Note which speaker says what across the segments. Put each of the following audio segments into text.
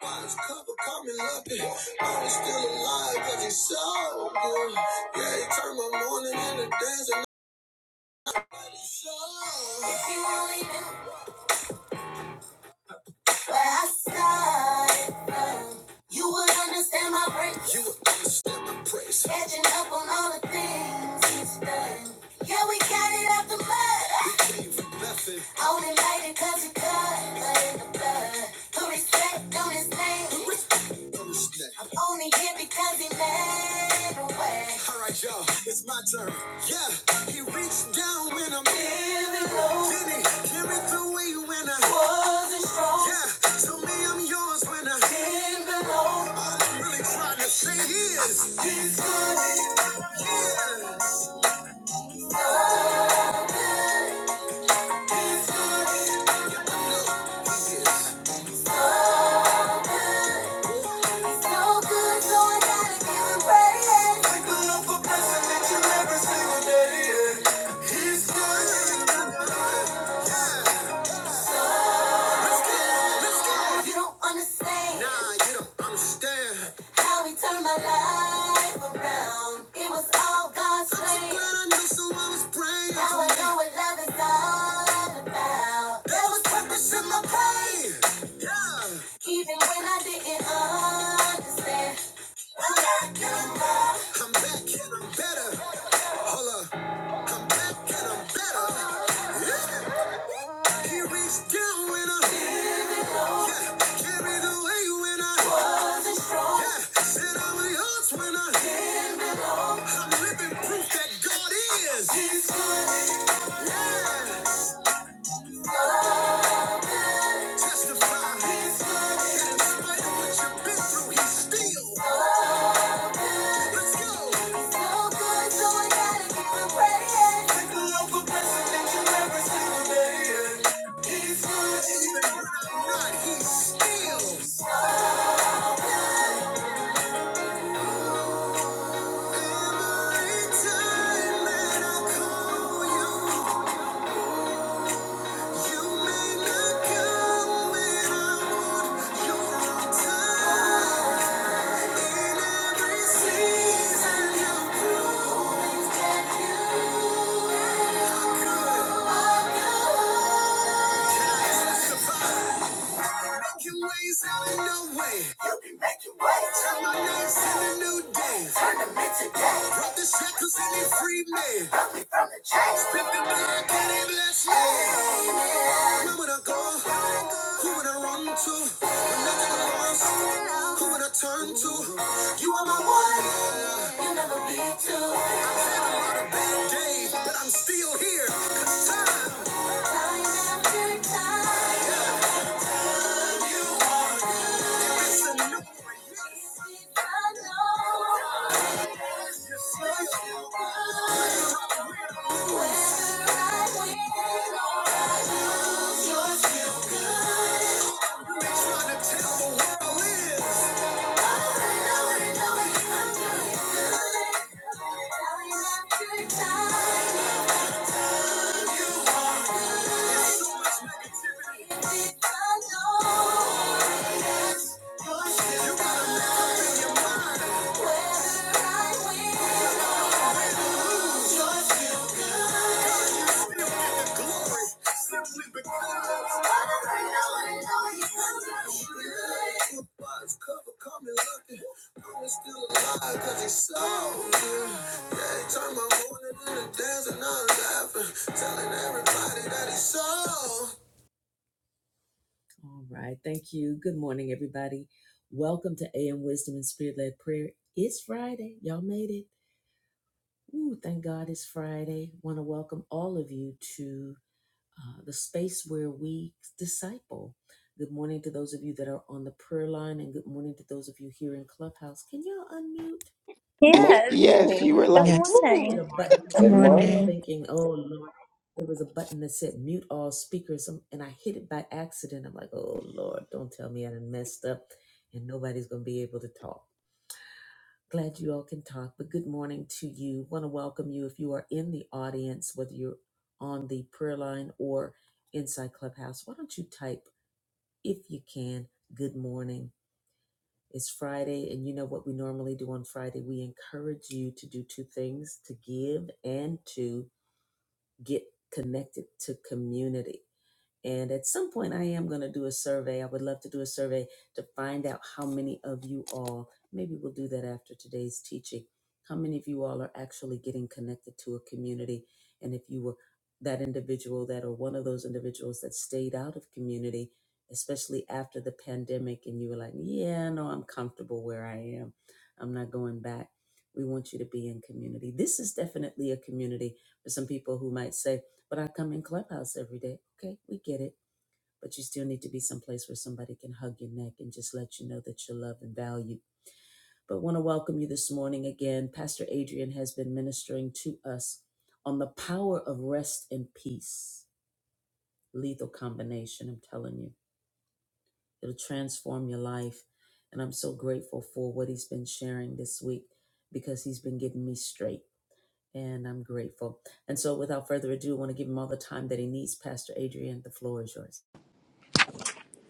Speaker 1: Mine's cover, call me lucky. i still alive because he's so good. Yeah, he turned my morning into dancing. So, if you only knew where I started from, you would understand my praise. You would understand my praise. Catching up on all the things he's done. Yeah, we got it out the mud. you for nothing. Only made it cause of God, blood in the blood. Put respect on his name. I'm only here because he made a way. Alright y'all, it's my turn. Yeah, he reached down when I'm Feeling low. Then he carried the way when I Wasn't strong. Yeah, told me I'm I yours when I Didn't belong. This good. Yes. He's good. Let's go, let's go. You don't understand. Nah, you don't understand. How he turned my life around. It was all God's plan. I'm so glad I knew someone was praying. Now I know what love is all about. There was purpose in my pain. Yeah. Even when I didn't understand. I'm back and I'm better. I'm back and I'm better. Hold up. I'm back and I'm better. Yeah. He reached down when I Carried away when I wasn't strong. Yeah, said I was yours when I didn't belong. I'm living proof that God is. Yeah, testify. He's good. in spite of what you've been through, he's still. Let's go. He's so good, so I gotta give him praise. Take a look for blessing that you never see today. He's good, even when I'm not, he's still. Survive. Making waves out of no way. You can make your way. Turn my nights into new days. Turn them into days. Drop the shackles and they free men. Brought me from the chains. Flip the block and they bless me. Where would I go? Who would I run to? When nothing was, who would I turn to? You are my one. You'll never be two. Days, but I'm still here. 'Cause time. Time after time. you It's a new you. gotta love Whether I win or lose, Let's
Speaker 2: Good morning.
Speaker 3: Yes.
Speaker 4: Yes, you were
Speaker 3: Good
Speaker 4: like,
Speaker 5: Yes.
Speaker 4: "Ooh,
Speaker 3: morning.
Speaker 5: Good
Speaker 2: Good morning.
Speaker 5: morning.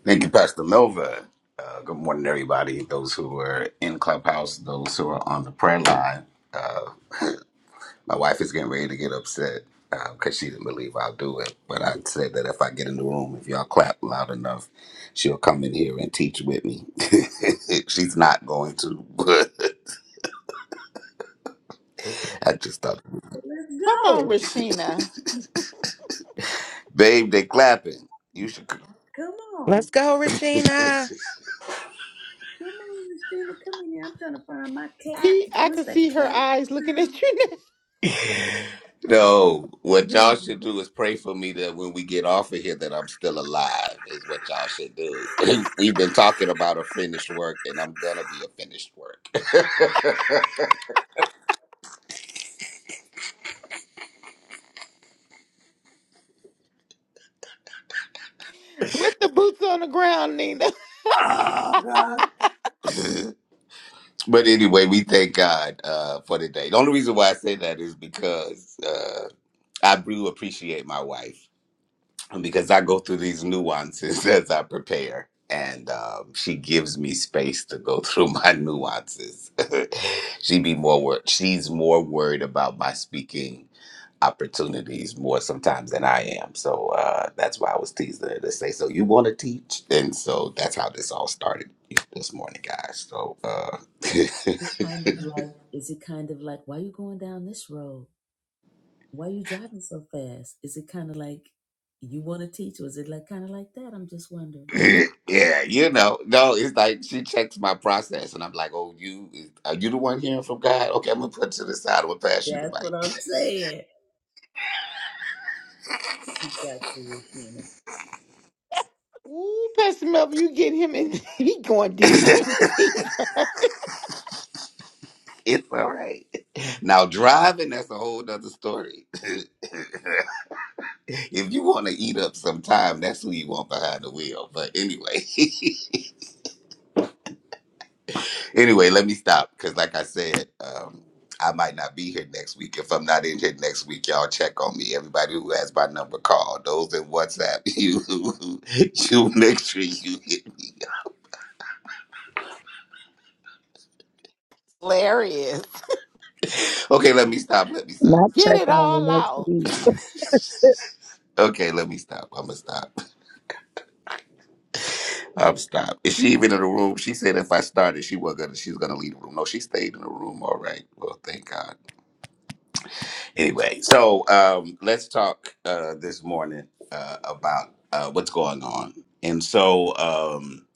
Speaker 6: Thank you, Pastor Melva. Uh, good morning, everybody. Those who are in Clubhouse, those who are on the prayer line. Uh, my wife is getting ready to get upset because she didn't believe I'll do it. But I said that if I get in the room, if y'all clap loud enough, she'll come in here and teach with me. She's not going to, but I just thought,
Speaker 4: come on,
Speaker 1: go.
Speaker 4: Rashina."
Speaker 6: babe, they clapping. You should.
Speaker 1: Come on.
Speaker 5: Let's go, Rashina.
Speaker 1: Come on, Christina. Come in here. I'm trying to find my clap.
Speaker 4: He, I
Speaker 1: What's
Speaker 4: could
Speaker 1: that
Speaker 4: see her
Speaker 1: clap?
Speaker 4: eyes looking at
Speaker 1: Okay,
Speaker 4: you now
Speaker 6: No, what
Speaker 1: here we
Speaker 6: y'all
Speaker 1: go.
Speaker 6: should do is pray for me that when we get off of here that I'm still alive is what y'all should do. We've been talking about a finished work and I'm gonna be a finished work.
Speaker 4: with the boots on the ground, Nina.
Speaker 6: Oh, God. but anyway, we thank God uh, for the day. The only reason why I say that is because uh, I do appreciate my wife. because I go through these nuances as I prepare. And um, she gives me space to go through my nuances. she be more worried. She's more worried about my speaking opportunities more sometimes than I am. So uh, that's why I was teasing her to say, "So you want to teach?" And so that's how this all started this morning, guys. So uh,
Speaker 1: It's kind of like, is it kind of like, why you going down this road? why you driving so fast? Is it kind of like you want to teach? Was it like kind of like that? I'm just wondering.
Speaker 6: yeah, you know, no, it's like she checks my process, and I'm like, "Oh, you is- are you the one hearing from God? Okay, I'm gonna put it to the side. I'm gonna pass you the
Speaker 1: That's
Speaker 6: mic.
Speaker 1: what I'm saying. He got you, Regina.
Speaker 4: Ooh, Pastor Melvin, you get him in. He going deeper and deeper.
Speaker 6: it's all right. Now driving, that's a whole nother story. if you want to eat up some time, that's who you want behind the wheel. But anyway, anyway, let me stop because, like I said, um, I might not be here next week. If I'm not in here next week, y'all check on me. Everybody who has my number, call. Those in WhatsApp, you you make sure you hit me.
Speaker 4: Hilarious.
Speaker 6: Okay, let me stop. Let me stop.
Speaker 7: Not
Speaker 4: Get
Speaker 7: check
Speaker 4: it
Speaker 7: on me
Speaker 4: all
Speaker 7: next
Speaker 4: out.
Speaker 7: week.
Speaker 6: Okay, let me stop. I'm gonna stop. I'm stop. Is she even in the room? She said if I started, she was gonna she's gonna leave the room. No, she stayed in the room. All right. Well, thank God. Anyway, so um, let's talk uh, this morning uh, about uh, what's going on. And so um,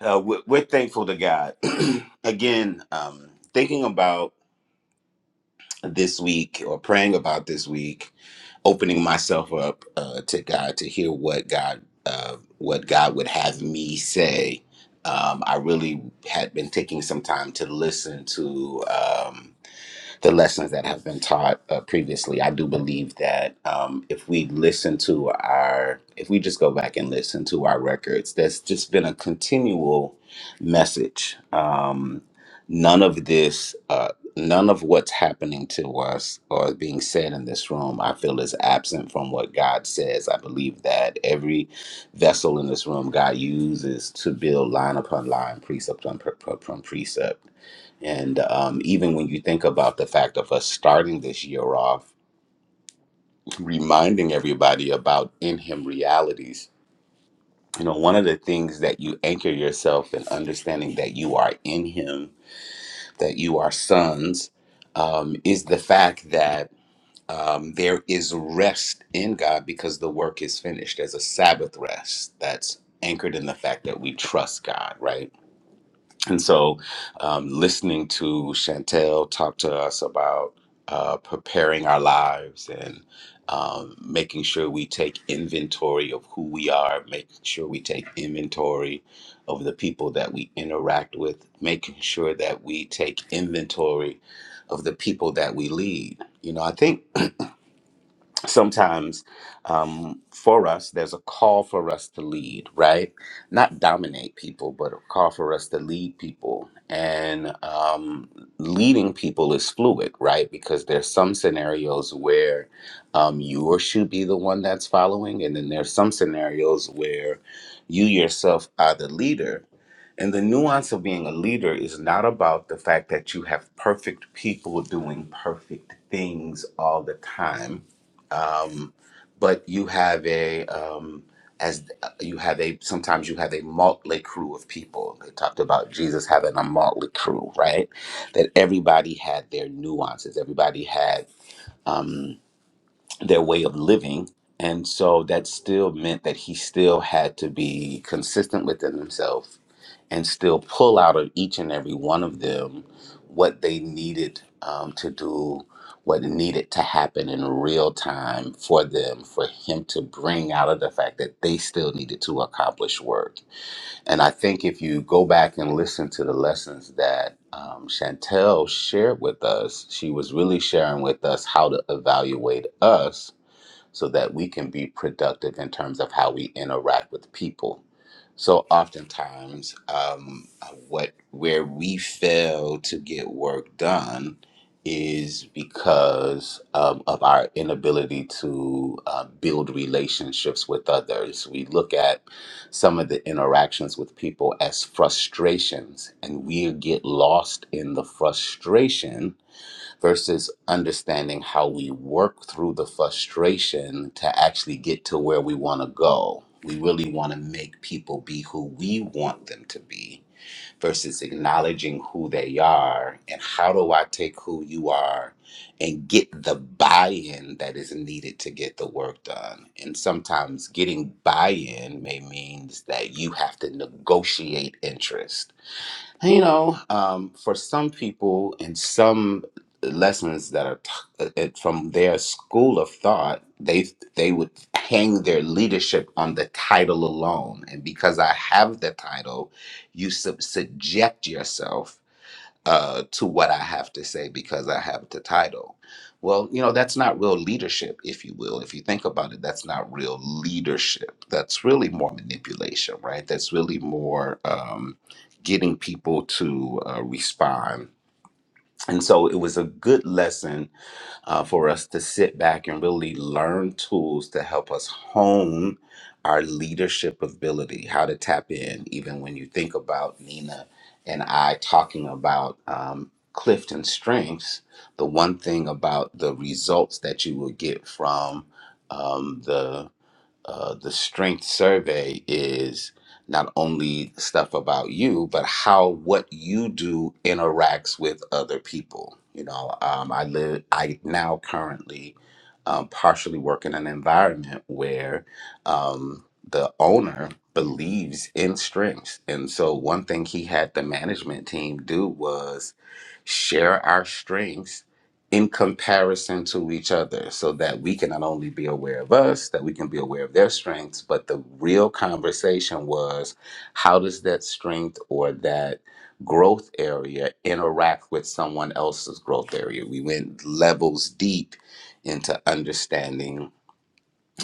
Speaker 6: uh, we're, we're thankful to God. Again, um, thinking about this week or praying about this week, opening myself up uh, to God to hear what God uh, what God would have me say. Um, I really had been taking some time to listen to. Um, the lessons that have been taught uh, previously. I do believe that um, if we listen to our, if we just go back and listen to our records, that's just been a continual message. Um, none of this, uh, none of what's happening to us or is being said in this room, I feel is absent from what God says. I believe that every vessel in this room God uses to build line upon line, precept upon pre- upon precept and um, even when you think about the fact of us starting this year off, reminding everybody about in Him realities, you know, one of the things that you anchor yourself in understanding that you are in Him, that you are sons, um, is the fact that um, there is rest in God because the work is finished. There's a Sabbath rest that's anchored in the fact that we trust God, right? And so, um, listening to Chantel talk to us about uh, preparing our lives and um, making sure we take inventory of who we are, making sure we take inventory of the people that we interact with, making sure that we take inventory of the people that we lead. You know, I think sometimes um, for us, there's a call for us to lead, right? Not dominate people, but a call for us to lead people. And um, leading people is fluid, right? Because there's some scenarios where um, you should be the one that's following, and then there's some scenarios where you yourself are the leader and the nuance of being a leader is not about the fact that you have perfect people doing perfect things all the time, um, but you have a um, as uh, you have a sometimes you have a motley crew of people. They talked about Jesus having a motley crew, right? That everybody had their nuances, everybody had um, their way of living, and so that still meant that he still had to be consistent within himself and still pull out of each and every one of them what they needed um, to do, what needed to happen in real time for them, for him to bring out of the fact that they still needed to accomplish work. And I think if you go back and listen to the lessons that um, Chantel shared with us, she was really sharing with us how to evaluate us so that we can be productive in terms of how we interact with people. So oftentimes, um, what where we fail to get work done is because um, of our inability to uh, build relationships with others. We look at some of the interactions with people as frustrations, and we get lost in the frustration versus understanding how we work through the frustration to actually get to where we want to go. We really want to make people be who we want them to be versus acknowledging who they are and how do I take who you are and get the buy in that is needed to get the work done. And sometimes getting buy in may means that you have to negotiate interest you know, um, for some people and some lessons that are t- it- from their school of thought, they they would hang their leadership on the title alone. And because I have the title, you sub- subject yourself uh, to what I have to say because I have the title. Well, you know, that's not real leadership, if you will. If you think about it, that's not real leadership. That's really more manipulation, right? That's really more um, getting people to uh, respond. And so it was a good lesson uh, for us to sit back and really learn tools to help us hone our leadership ability, how to tap in, even when you think about Nina and I talking about um, Clifton strengths, the one thing about the results that you will get from um, the uh, the strength survey is not only stuff about you, but how what you do interacts with other people. You know, um, I live, I now currently um, partially work in an environment where um, the owner believes in strengths. And so, one thing he had the management team do was share our strengths in comparison to each other so that we can not only be aware of us, that we can be aware of their strengths, but the real conversation was how does that strength or that growth area interact with someone else's growth area? We went levels deep into understanding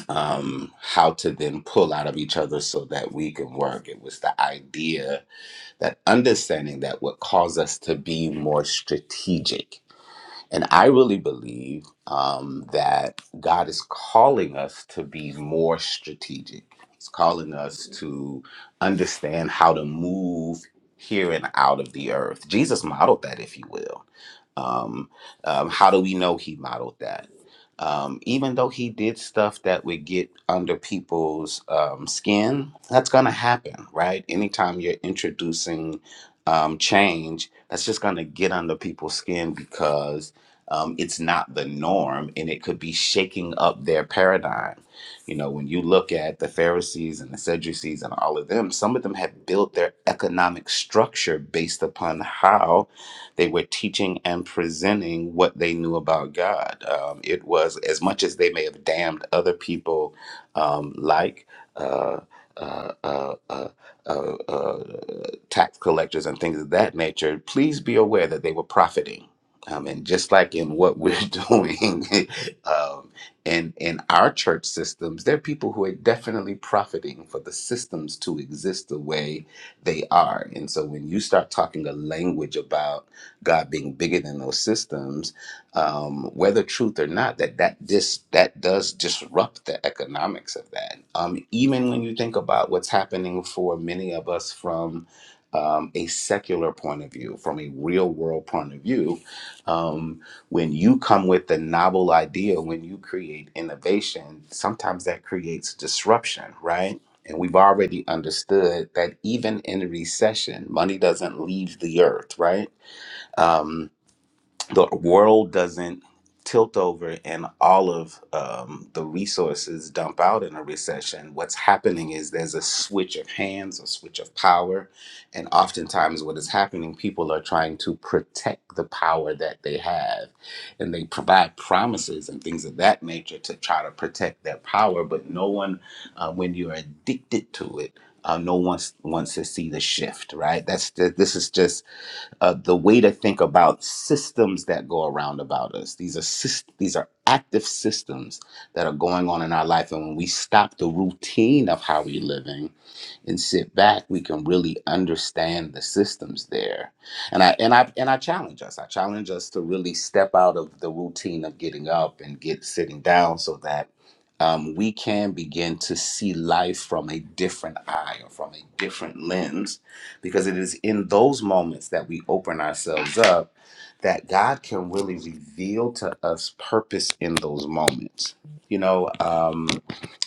Speaker 6: um, how to then pull out of each other so that we can work. It was the idea that understanding that would cause us to be more strategic and I really believe um, that God is calling us to be more strategic. He's calling us to understand how to move here and out of the earth. Jesus modeled that, if you will. Um, um, how do we know he modeled that? Um, even though he did stuff that would get under people's um, skin, that's going to happen, right? Anytime you're introducing um, change, that's just going to get under people's skin because um, it's not the norm and it could be shaking up their paradigm. You know, when you look at the Pharisees and the Sadducees and all of them, some of them have built their economic structure based upon how they were teaching and presenting what they knew about God. Um, it was as much as they may have damned other people, um, like. Uh, uh, uh, uh, uh, uh, tax collectors and things of that nature, please be aware that they were profiting. Um, and just like in what we're doing um, in, in our church systems, there are people who are definitely profiting for the systems to exist the way they are. And so when you start talking a language about God being bigger than those systems, um, whether truth or not, that that dis, that does disrupt the economics of that. Um, even when you think about what's happening for many of us from um, a secular point of view, from a real world point of view, um, when you come with a novel idea, when you create innovation, sometimes that creates disruption, right? And we've already understood that even in recession, money doesn't leave the earth, right? um, the world doesn't tilt over and all of um, the resources dump out in a recession, what's happening is there's a switch of hands, a switch of power. And oftentimes, what is happening, people are trying to protect the power that they have. And they provide promises and things of that nature to try to protect their power. But no one, uh, when you're addicted to it, uh, no one wants to see the shift, right? That's this is just uh, the way to think about systems that go around about us. These are syst- these are active systems that are going on in our life, and when we stop the routine of how we're living and sit back, we can really understand the systems there. And I and I and I challenge us. I challenge us to really step out of the routine of getting up and get sitting down so that um, we can begin to see life from a different eye or from a different lens, because it is in those moments that we open ourselves up that God can really reveal to us purpose in those moments. You know, um,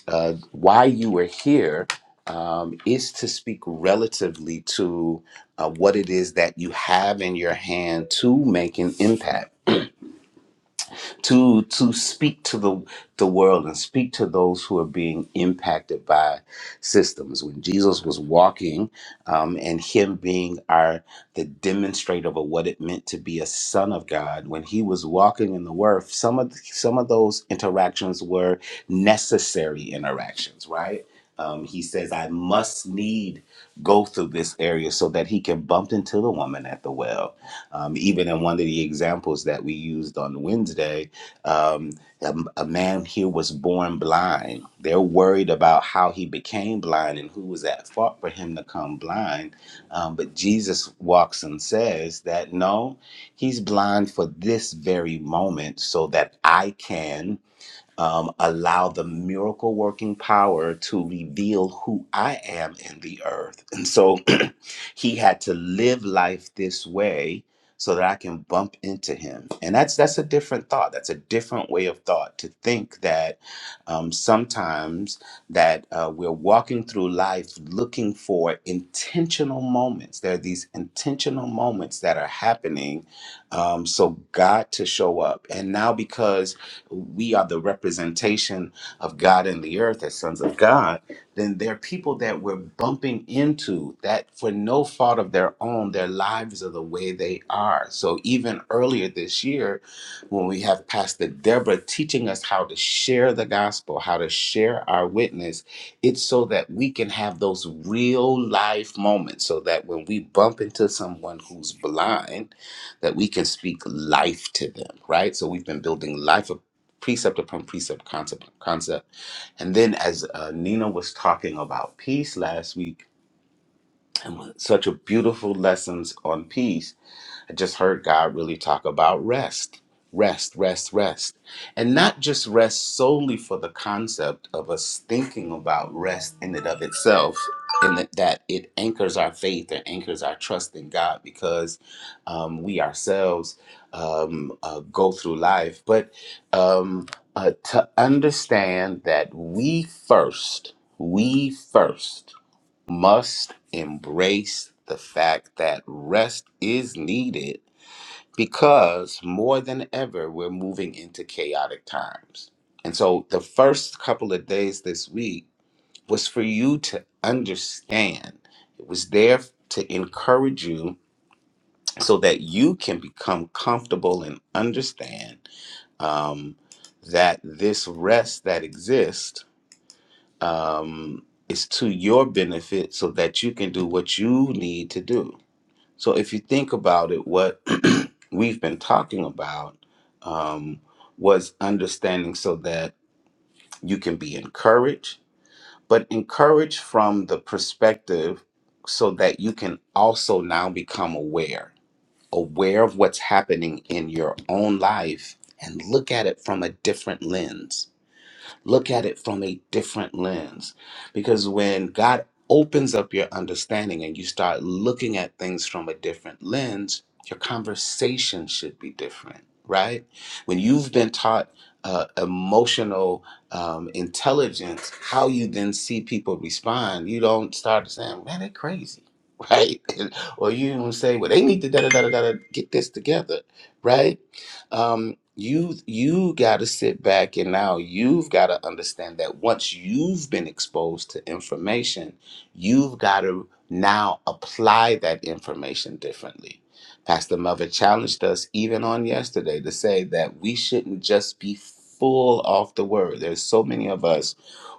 Speaker 6: uh, why you are here um, is to speak relatively to uh, what it is that you have in your hand to make an impact to to speak to the the world and speak to those who are being impacted by systems. When Jesus was walking, um, and him being our the demonstrator of what it meant to be a son of God, when he was walking in the earth, some of some of those interactions were necessary interactions, right? Um, he says, "I must need go through this area so that he can bump into the woman at the well." Um, even in one of the examples that we used on Wednesday, um, a, a man here was born blind. They're worried about how he became blind and who was at fault for him to come blind. Um, but Jesus walks and says that no, he's blind for this very moment so that I can um, allow the miracle working power to reveal who I am in the earth. And so he had to live life this way so that I can bump into him. And that's that's a different thought. That's a different way of thought to think that um, sometimes that uh, we're walking through life looking for intentional moments. There are these intentional moments that are happening, um, so God to show up. And now because we are the representation of God in the earth as sons of God then there are people that we're bumping into that for no fault of their own, their lives are the way they are. So even earlier this year, when we have Pastor Deborah teaching us how to share the gospel, how to share our witness, it's so that we can have those real life moments so that when we bump into someone who's blind, that we can speak life to them, right? So we've been building life of precept upon precept, concept, concept and then, as uh, Nina was talking about peace last week, and such a beautiful lessons on peace, I just heard God really talk about rest, rest, rest, rest. And not just rest solely for the concept of us thinking about rest in and of itself, and that, that it anchors our faith and anchors our trust in God because um, we ourselves um, uh, go through life, but um, uh, to understand that we first, we first must embrace the fact that rest is needed because more than ever we're moving into chaotic times. And so the first couple of days this week was for you to understand. It was there to encourage you so that you can become comfortable and understand um, that this rest that exists um, is to your benefit so that you can do what you need to do so if you think about it, what we've been talking about um, was understanding so that you can be encouraged, but encouraged from the perspective so that you can also now become aware, aware of what's happening in your own life and look at it from a different lens Look at it from a different lens. Because when God opens up your understanding and you start looking at things from a different lens, your conversation should be different, right? When you've been taught uh, emotional um, intelligence, how you then see people respond, you don't start saying, man, they're crazy, right? or you don't say, well, they need to da da da da da get this together, right? um, you you got to sit back and now you've got to understand that once you've been exposed to information, you've got to now apply that information differently. Pastor Mother challenged us even on yesterday to say that we shouldn't just be full off the word. There's so many of us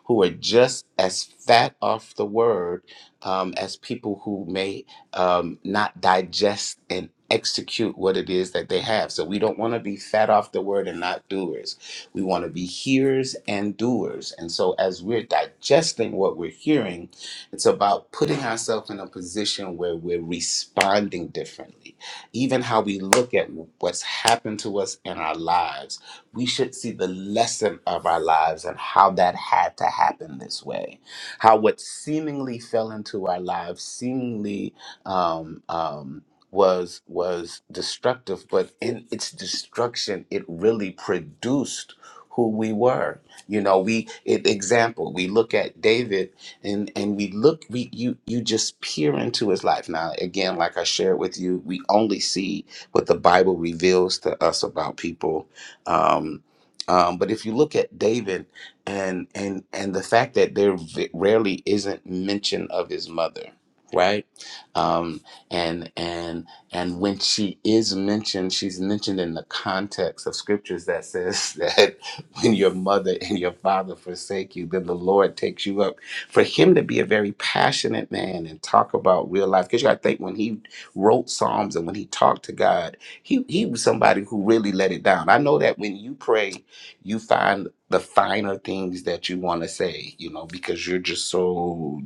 Speaker 6: who are just as fat off the word um, as people who may um, not digest and execute what it is that they have. So we don't want to be fat off the word and not doers. We want to be hearers and doers. And so as we're digesting what we're hearing, it's about putting ourselves in a position where we're responding differently. Even how we look at what's happened to us in our lives, we should see the lesson of our lives and how that had to happen this way. How what seemingly fell into our lives seemingly um, um, was was destructive, but in its destruction, it really produced who we were. You know, we it, example we look at David and and we look we you you just peer into his life. Now again, like I shared with you, we only see what the Bible reveals to us about people. Um, um, but if you look at David and and and the fact that there v- rarely isn't mention of his mother, right? um, and and and when she is mentioned, she's mentioned in the context of scriptures that says that when your mother and your father forsake you, then the Lord takes you up. For him to be a very passionate man and talk about real life, because you got to think when he wrote Psalms and when he talked to God, he he was somebody who really let it down. I know that when you pray, you find the finer things that you want to say, you know, because you're just so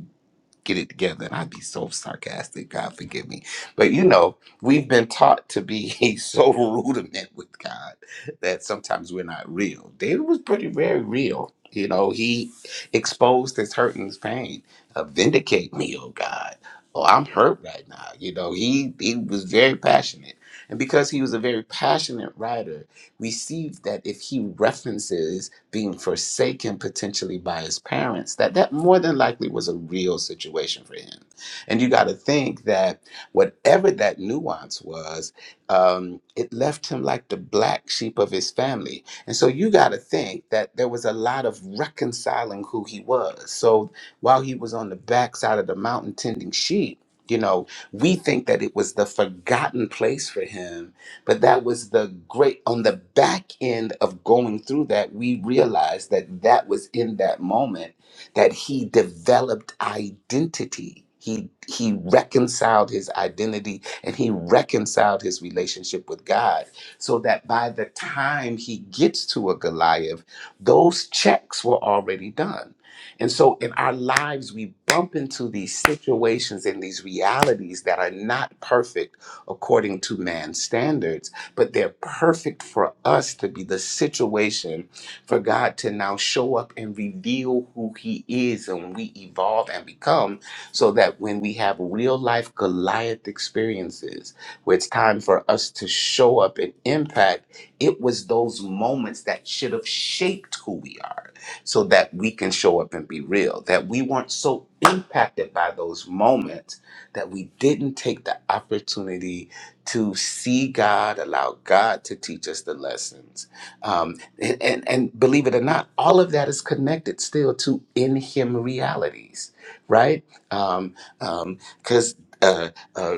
Speaker 6: get it together. I'd be so sarcastic. God forgive me. But you know, we've been taught to be so rudiment with God that sometimes we're not real. David was pretty very real. You know, he exposed his hurt and his pain. Uh, vindicate me, oh God. Oh, I'm hurt right now. You know, he he was very passionate. And because he was a very passionate writer, we see that if he references being forsaken potentially by his parents that that more than likely was a real situation for him and you got to think that whatever that nuance was um, it left him like the black sheep of his family and so you got to think that there was a lot of reconciling who he was so while he was on the backside of the mountain tending sheep you know we think that it was the forgotten place for him but that was the great, on the back end of going through that, we realized that that was in that moment that he developed identity. He, he reconciled his identity and he reconciled his relationship with God so that by the time he gets to a Goliath, those checks were already done. And so in our lives, we bump into these situations and these realities that are not perfect according to man's standards, but they're perfect for us to be the situation for God to now show up and reveal who He is and we evolve and become so that when we have real life Goliath experiences where it's time for us to show up and impact, it was those moments that should have shaped who we are so that we can show up and be real, that we weren't so impacted by those moments that we didn't take the opportunity to see God, allow God to teach us the lessons. Um, and, and, and believe it or not, all of that is connected still to in Him realities, right? Because um, um, 'cause, uh, uh,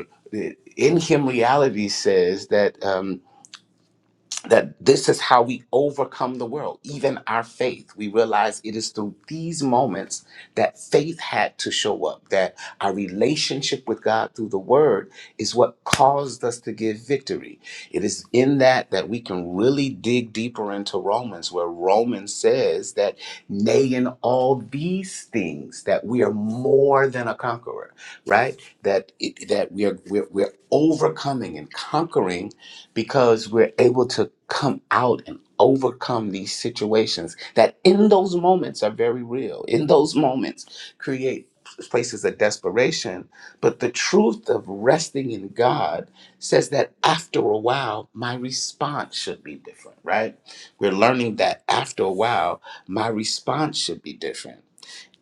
Speaker 6: in Him reality says that. Um, that this is how we overcome the world, even our faith. We realize it is through these moments that faith had to show up, that our relationship with God through the Word is what caused us to give victory. It is in that that we can really dig deeper into Romans, where Romans says that, nay, in all these things, that we are more than a conqueror, right? That it, that we are we're, we're overcoming and conquering because we're able to come out and overcome these situations that in those moments are very real in those moments create places of desperation but the truth of resting in god says that after a while my response should be different right we're learning that after a while my response should be different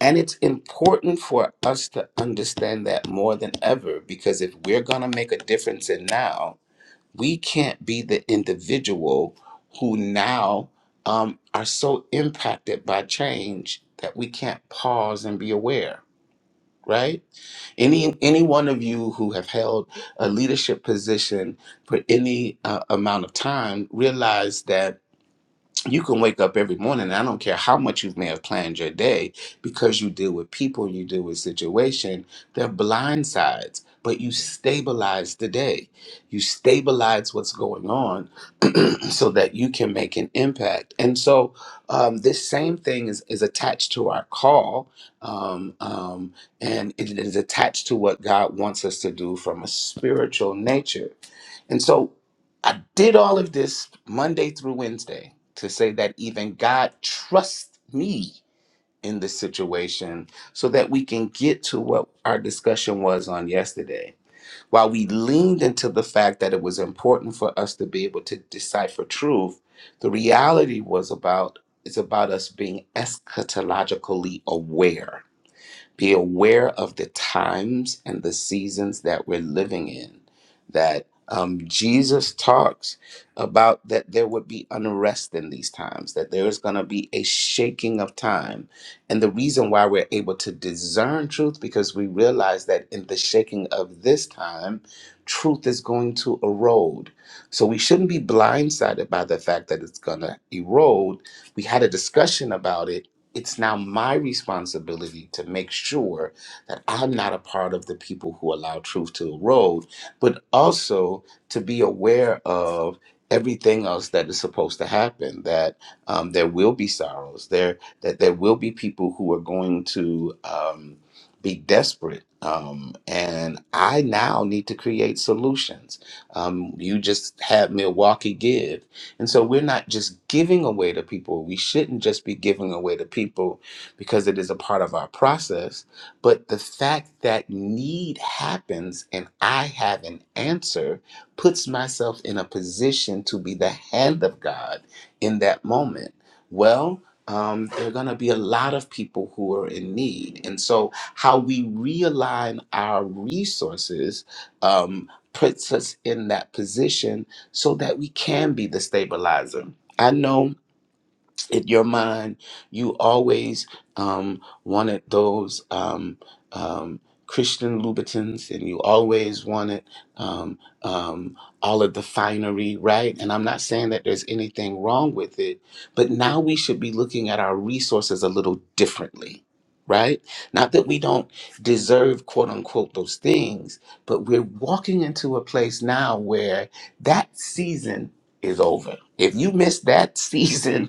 Speaker 6: and it's important for us to understand that more than ever because if we're going to make a difference in now we can't be the individual who now um, are so impacted by change that we can't pause and be aware right any any one of you who have held a leadership position for any uh, amount of time realize that you can wake up every morning and i don't care how much you may have planned your day because you deal with people you deal with situation they're blind sides but you stabilize the day you stabilize what's going on so that you can make an impact and so um, this same thing is, is attached to our call um, um, and it is attached to what god wants us to do from a spiritual nature and so I did all of this Monday through Wednesday to say that even God trusts me in this situation so that we can get to what our discussion was on yesterday. While we leaned into the fact that it was important for us to be able to decipher truth, the reality was about it's about us being eschatologically aware be aware of the times and the seasons that we're living in. That um, Jesus talks about that there would be unrest in these times, that there is going to be a shaking of time. And the reason why we're able to discern truth, because we realize that in the shaking of this time, truth is going to erode. So we shouldn't be blindsided by the fact that it's going to erode. We had a discussion about it it's now my responsibility to make sure that I'm not a part of the people who allow truth to erode, but also to be aware of everything else that is supposed to happen. That um, there will be sorrows. There that there will be people who are going to um, be desperate. Um, and I now need to create solutions. Um, you just had Milwaukee Give. And so we're not just giving away to people. We shouldn't just be giving away to people because it is a part of our process. But the fact that need happens and I have an answer puts myself in a position to be the hand of God in that moment. Well, um, there are going to be a lot of people who are in need. And so, how we realign our resources um, puts us in that position so that we can be the stabilizer. I know in your mind, you always um, wanted those um, um, Christian Louboutins, and you always wanted um, um, all of the finery, right? And I'm not saying that there's anything wrong with it, but now we should be looking at our resources a little differently. Right? Not that we don't deserve, quote unquote, those things, but we're walking into a place now where that season is over. If you miss that season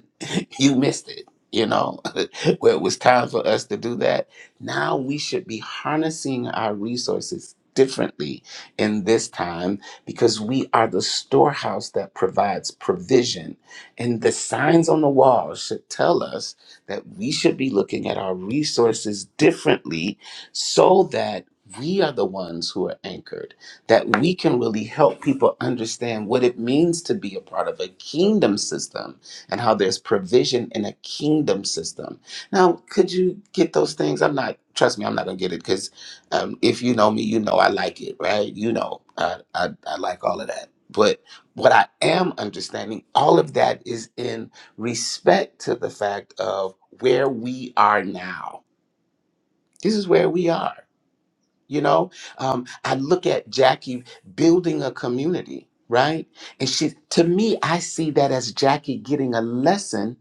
Speaker 6: you missed it. You know, where it was time for us to do that. Now we should be harnessing our resources differently in this time because we are the storehouse that provides provision. And the signs on the wall should tell us that we should be looking at our resources differently so that we are the ones who are anchored, that we can really help people understand what it means to be a part of a kingdom system and how there's provision in a kingdom system. Now, could you get those things? I'm not, trust me, I'm not going to get it because um, if you know me, you know I like it, right? You know, I, I, I like all of that. But what I am understanding, all of that is in respect to the fact of where we are now. This is where we are you know, um, I look at Jackie building a community, right? And she, to me, I see that as Jackie getting a lesson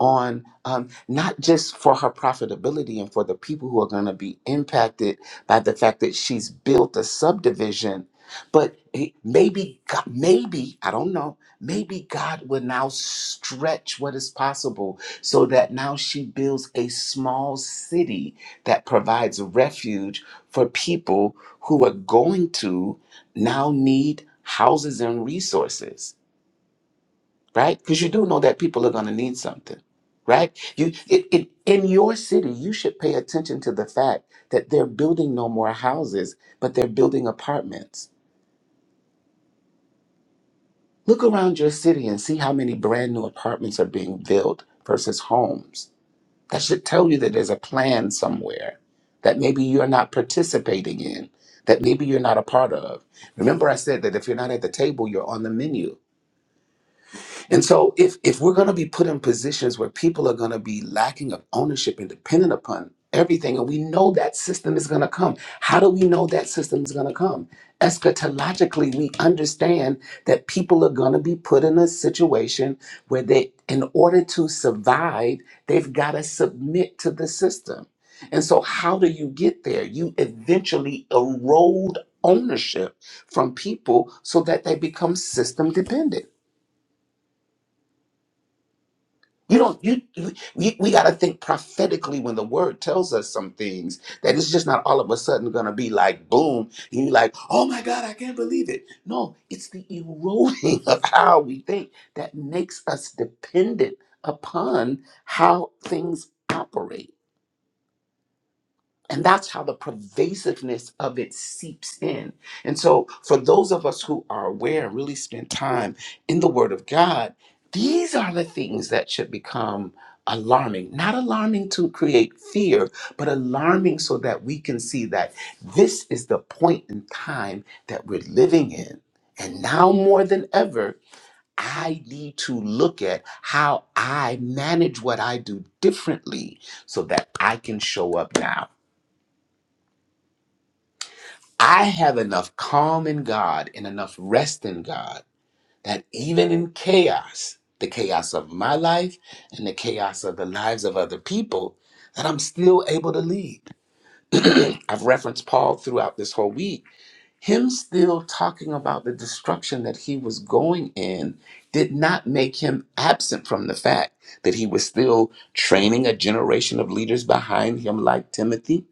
Speaker 6: on um, not just for her profitability and for the people who are going to be impacted by the fact that she's built a subdivision, but he- maybe, God- maybe I don't know. Maybe God will now stretch what is possible so that now she builds a small city that provides refuge for people who are going to now need houses and resources, right? Because you do know that people are going to need something, right? You it, it, in your city, you should pay attention to the fact that they're building no more houses, but they're building apartments. Look around your city and see how many brand new apartments are being built versus homes That should tell you that there's a plan somewhere that maybe you're not participating in, that maybe you're not a part of. Remember, I said that if you're not at the table, you're on the menu. And so if if we're going to be put in positions where people are going to be lacking of ownership and dependent upon everything and we know that system is going to come how do we know that system is going to come eschatologically we understand that people are going to be put in a situation where they in order to survive they've got to submit to the system and so how do you get there you eventually erode ownership from people so that they become system dependent You don't. You we, we got to think prophetically when the word tells us some things that it's just not all of a sudden going to be like boom. And you are like, oh my God, I can't believe it. No, it's the eroding of how we think that makes us dependent upon how things operate. And that's how the pervasiveness of it seeps in. And so, for those of us who are aware and really spend time in the Word of God, these are the things that should become alarming. Not alarming to create fear, but alarming so that we can see that this is the point in time that we're living in. And now more than ever, I need to look at how I manage what I do differently so that I can show up now. I have enough calm in God and enough rest in God that even in chaos, the chaos of my life and the chaos of the lives of other people, that I'm still able to lead. I've referenced Paul throughout this whole week. Him still talking about the destruction that he was going in did not make him absent from the fact that he was still training a generation of leaders behind him, like Timothy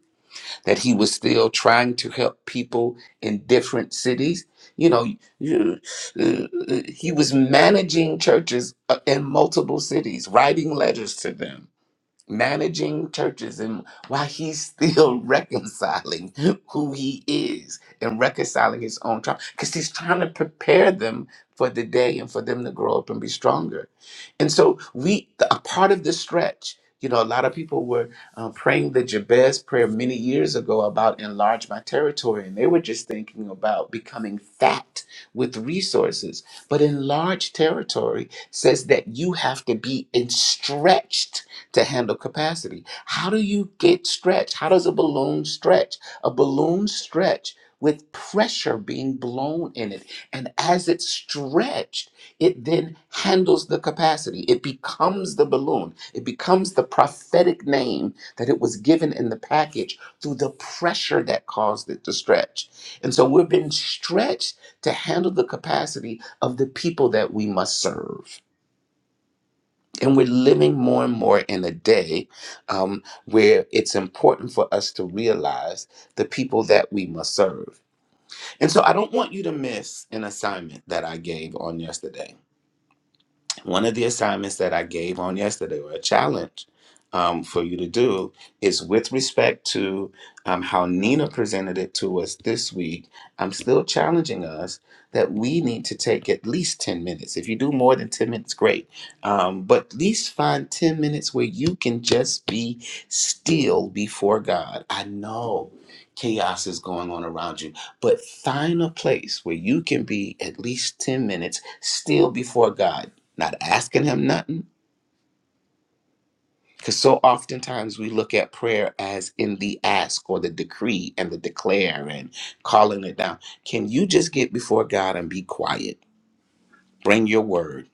Speaker 6: that he was still trying to help people in different cities. You know, you, uh, uh, he was managing churches uh, in multiple cities, writing letters to them managing churches and while he's still reconciling who he is and reconciling his own trauma because he's trying to prepare them for the day and for them to grow up and be stronger and so we a part of the stretch you know a lot of people were uh, praying the jabez prayer many years ago about enlarge my territory and they were just thinking about becoming fat with resources but enlarged territory says that you have to be in stretched to handle capacity. How do you get stretch? How does a balloon stretch? A balloon stretch with pressure being blown in it. And as it's stretched, it then handles the capacity. It becomes the balloon. It becomes the prophetic name that it was given in the package through the pressure that caused it to stretch. And so we've been stretched to handle the capacity of the people that we must serve. And we're living more and more in a day um, where it's important for us to realize the people that we must serve. And so I don't want you to miss an assignment that I gave on yesterday one of the assignments that I gave on yesterday, or a challenge um, for you to do, is with respect to um, how Nina presented it to us this week. I'm still challenging us that we need to take at least 10 minutes. If you do more than 10 minutes, great. Um, but at least find 10 minutes where you can just be still before God. I know chaos is going on around you, but find a place where you can be at least 10 minutes still before God not asking him nothing. Because so oftentimes we look at prayer as in the ask or the decree and the declare and calling it down. Can you just get before God and be quiet? Bring your word.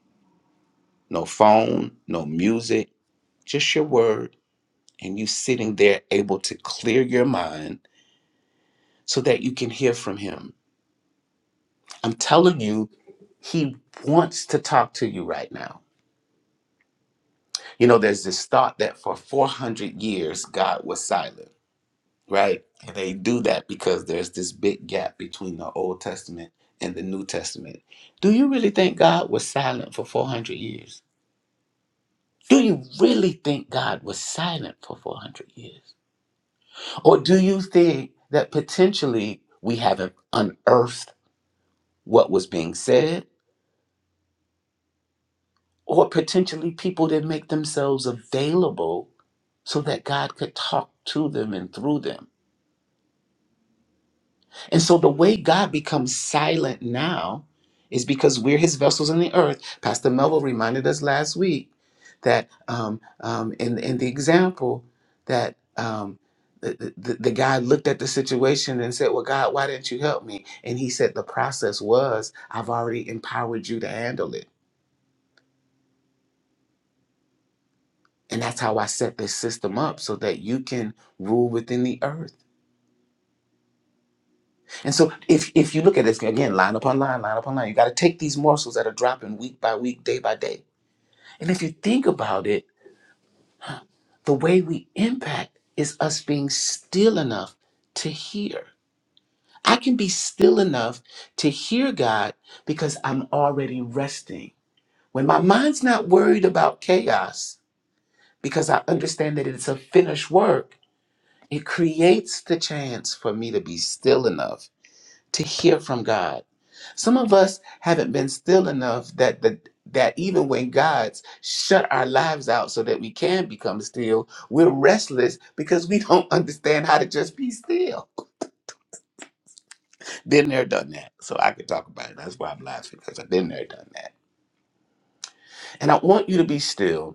Speaker 6: No phone, no music, just your word. And you sitting there able to clear your mind so that you can hear from him. I'm telling you, he wants to talk to you right now. You know, there's this thought that for 400 years, God was silent. right? And they do that because there's this big gap between the Old Testament and the New Testament. Do you really think God was silent for 400 years? Do you really think God was silent for 400 years? Or do you think that potentially we haven't unearthed what was being said? Or potentially people didn't make themselves available so that God could talk to them and through them? And so the way God becomes silent now is because we're his vessels in the earth. Pastor Melville reminded us last week that um, um, in, in the example that um, the, the, the guy looked at the situation and said, well, God, why didn't you help me? And he said, the process was I've already empowered you to handle it. And that's how I set this system up so that you can rule within the earth. And so if if you look at this again, line upon line, line upon line, you got to take these morsels that are dropping week by week, day by day. And if you think about it, the way we impact is us being still enough to hear. I can be still enough to hear God because I'm already resting. When my mind's not worried about chaos, because I understand that it's a finished work, it creates the chance for me to be still enough to hear from God. Some of us haven't been still enough that the that even when God's shut our lives out so that we can become still, we're restless because we don't understand how to just be still. Been there, done that. So I could talk about it. That's why I'm laughing because I've been there, done that. And I want you to be still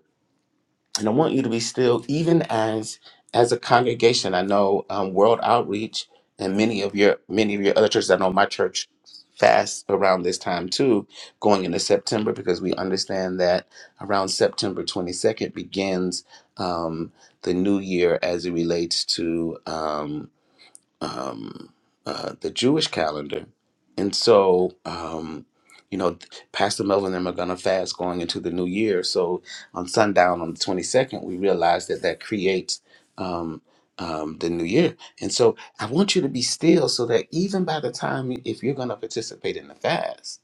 Speaker 6: and I want you to be still, even as as a congregation. I know um, World Outreach and many of your many of your other churches. I know my church fasts around this time too, going into September because we understand that around September 22nd begins um, the new year as it relates to. Um, um, uh, the Jewish calendar. And so, um, you know, Pastor Melvin and them are going to fast going into the new year. So on sundown on the 22nd, we realize that that creates um, um, the new year. And so I want you to be still so that even by the time, if you're going to participate in the fast,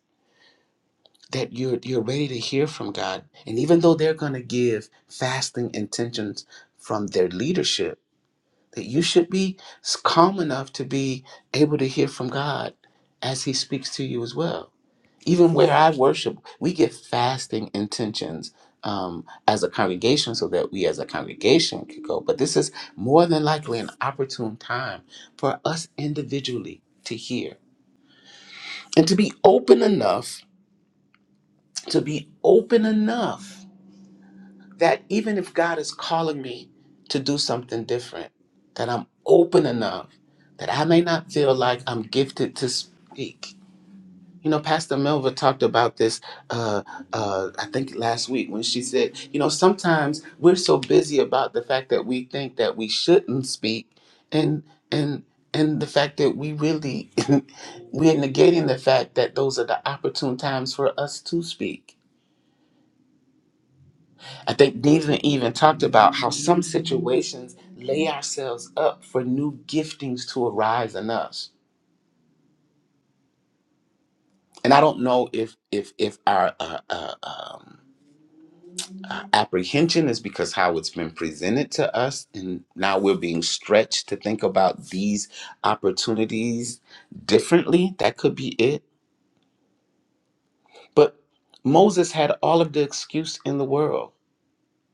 Speaker 6: that you're you're ready to hear from God, and even though they're going to give fasting intentions from their leadership, that you should be s- calm enough to be able to hear from God as He speaks to you as well. Even where I worship, we give fasting intentions um, as a congregation so that we as a congregation could go. But this is more than likely an opportune time for us individually to hear and to be open enough, to be open enough that even if God is calling me to do something different, that I'm open enough that I may not feel like I'm gifted to speak. You know, Pastor Melva talked about this, uh, uh, I think last week when she said, you know, sometimes we're so busy about the fact that we think that we shouldn't speak, and and and the fact that we really we're negating the fact that those are the opportune times for us to speak I think David even talked about how some situations lay ourselves up for new giftings to arise in us. And I don't know if if if our uh, uh, um, uh, apprehension is because how it's been presented to us, and now we're being stretched to think about these opportunities differently. That could be it. But Moses had all of the excuse in the world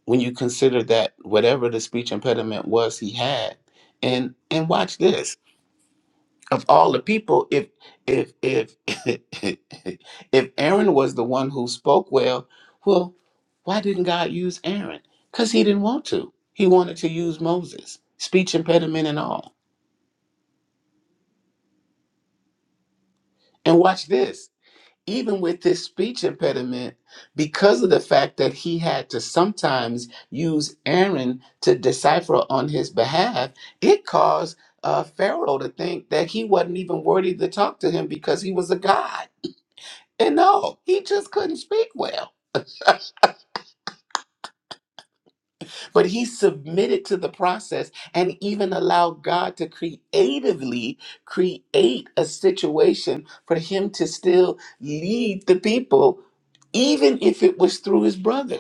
Speaker 6: when you consider that whatever the speech impediment was, he had. And and watch this. of all the people if if if if aaron was the one who spoke well well why didn't god use aaron because he didn't want to he wanted to use moses speech impediment and all and watch this even with this speech impediment because of the fact that he had to sometimes use aaron to decipher on his behalf it caused uh, pharaoh to think that he wasn't even worthy to talk to him because he was a god And no, he just couldn't speak well. But he submitted to the process and even allowed God to creatively create a situation for him to still lead the people, even if it was through his brother.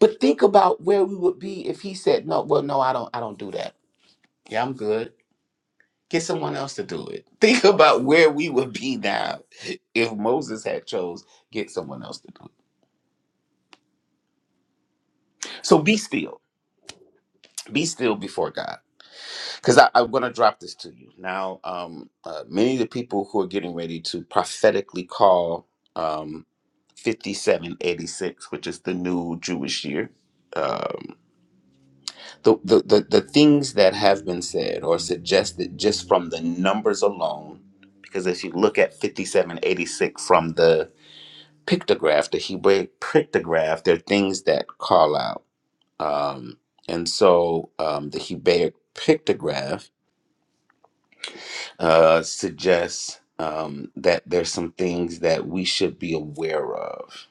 Speaker 6: But think about where we would be if he said, No, well, no, I don't I don't do that. Yeah, I'm good. Get someone else to do it. Think about where we would be now if Moses had chose, get someone else to do it. So be still. Be still before God because I'm going to drop this to you now. Um, uh, many of the people who are getting ready to prophetically call um, 5786, which is the new Jewish year, um, the, the the the things that have been said or suggested just from the numbers alone, because if you look at 5786 from the pictograph, the Hebrew pictograph, there are things that call out. Um, and so um, the Hebraic pictograph uh, suggests um, that there's some things that we should be aware of.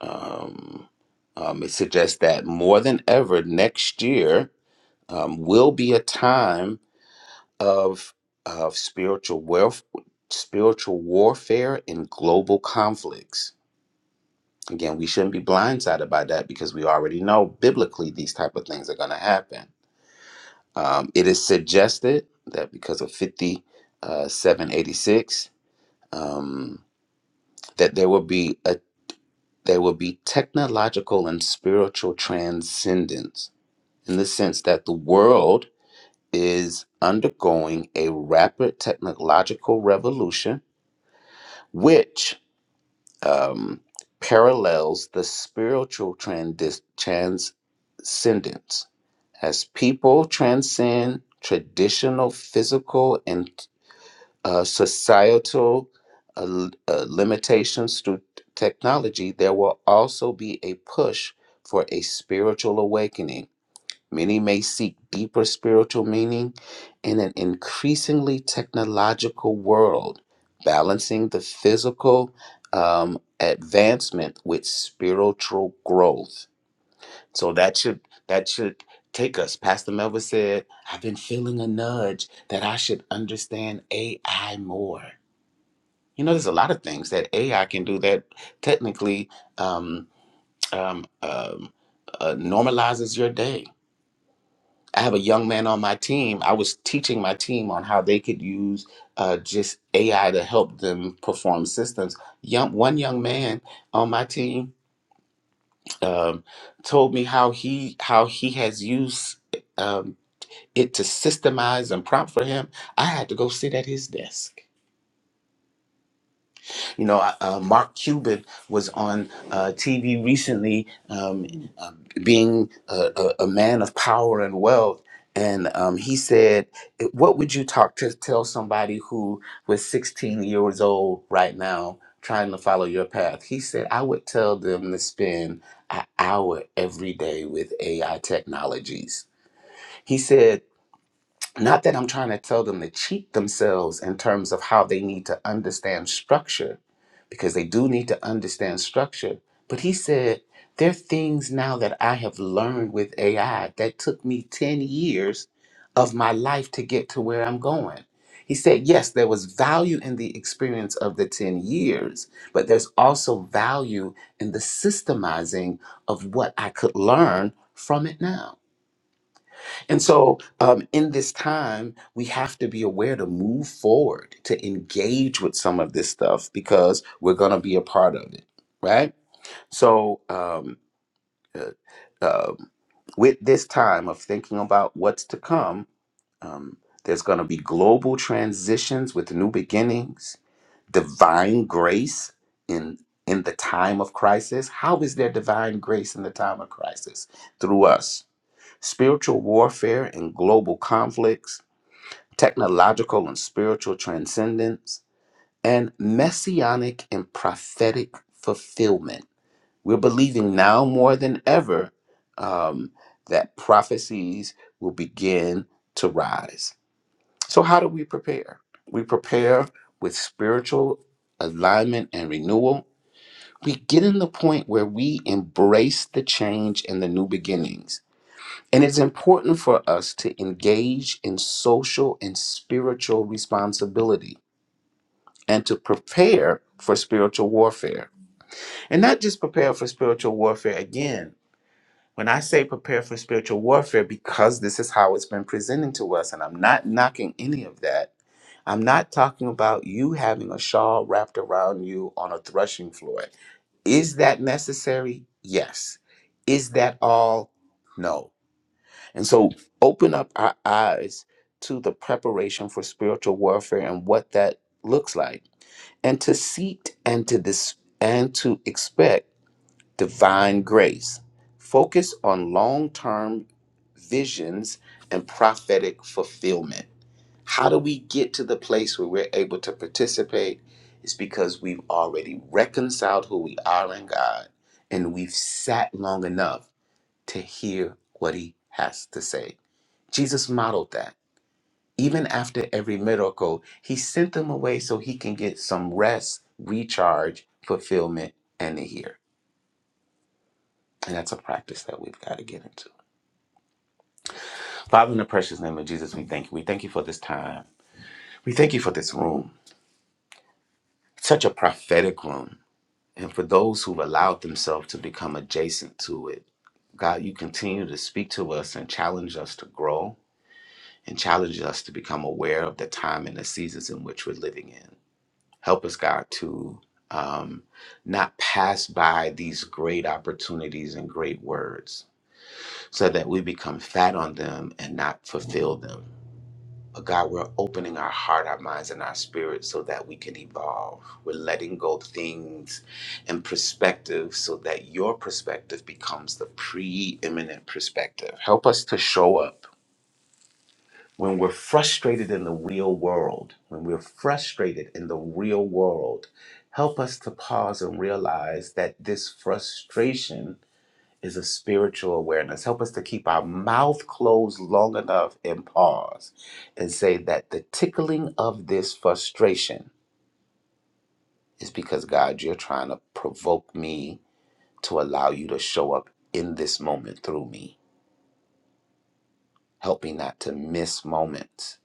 Speaker 6: Um, um, it suggests that more than ever, next year um, will be a time of of spiritual wealth, spiritual warfare, and global conflicts. Again, we shouldn't be blindsided by that because we already know biblically these type of things are going to happen. Um, it is suggested that because of 5786. that there will be a there will be technological and spiritual transcendence in the sense that the world is undergoing a rapid technological revolution which um, parallels the spiritual trans- transcendence as people transcend traditional physical and uh, societal uh, l- uh, limitations through t- technology, there will also be a push for a spiritual awakening. Many may seek deeper spiritual meaning in an increasingly technological world, balancing the physical um, advancement with spiritual growth. So that should that should take us. Pastor Melva said, "I've been feeling a nudge that I should understand AI more." You know, there's a lot of things that AI can do that technically um, um, um, uh, normalizes your day. I have a young man on my team. I was teaching my team on how they could use uh, just AI to help them perform systems. Young, one young man on my team um, told me how he how he has used um, it to systemize and prompt for him. I had to go sit at his desk You know, uh, uh, Mark Cuban was on uh, TV recently, um, uh, being a, a, a man of power and wealth, and um, he said, "Eh, "What would you talk to tell somebody who was 16 years old right now?" Trying to follow your path. He said, I would tell them to spend an hour every day with AI technologies. He said, not that I'm trying to tell them to cheat themselves in terms of how they need to understand structure, because they do need to understand structure. But he said, there are things now that I have learned with AI that took me 10 years of my life to get to where I'm going. He said, yes, there was value in the experience of the 10 years, but there's also value in the systemizing of what I could learn from it now. And so, um, in this time, we have to be aware to move forward, to engage with some of this stuff because we're going to be a part of it, right? So, um, uh, um, with this time of thinking about what's to come, um, there's going to be global transitions with new beginnings, divine grace in in the time of crisis. How is there divine grace in the time of crisis? Through us spiritual warfare and global conflicts, technological and spiritual transcendence, and messianic and prophetic fulfillment. We're believing now more than ever um, that prophecies will begin to rise. So, how do we prepare? We prepare with spiritual alignment and renewal. We get in the point where we embrace the change and the new beginnings and it's important for us to engage in social and spiritual responsibility and to prepare for spiritual warfare. And not just prepare for spiritual warfare again. When I say prepare for spiritual warfare, because this is how it's been presented to us, and I'm not knocking any of that, I'm not talking about you having a shawl wrapped around you on a threshing floor. Is that necessary? Yes. Is that all? No. And so open up our eyes to the preparation for spiritual warfare and what that looks like. And to seek and to dis- and to expect divine grace. Focus on long-term visions and prophetic fulfillment. How do we get to the place where we're able to participate? It's because we've already reconciled who we are in God and we've sat long enough to hear what he has to say. Jesus modeled that. Even after every miracle, he sent them away so he can get some rest, recharge, fulfillment, and a year. And that's a practice that we've got to get into. Father, in the precious name of Jesus, we thank you. We thank you for this time. We thank you for this room. Such a prophetic room. And for those who've allowed themselves to become adjacent to it, God, you continue to speak to us and challenge us to grow and challenge us to become aware of the time and the seasons in which we're living in. Help us, God, to um, not pass by these great opportunities and great words so that we become fat on them and not fulfill them. But God, we're opening our heart, our minds, and our spirits so that we can evolve. We're letting go of things and perspective so that your perspective becomes the preeminent perspective. Help us to show up when we're frustrated in the real world, when we're frustrated in the real world, help us to pause and realize that this frustration is a spiritual awareness. Help us to keep our mouth closed long enough and pause and say that the tickling of this frustration is because God, you're trying to provoke me to allow you to show up in this moment through me. Help me not to miss moments.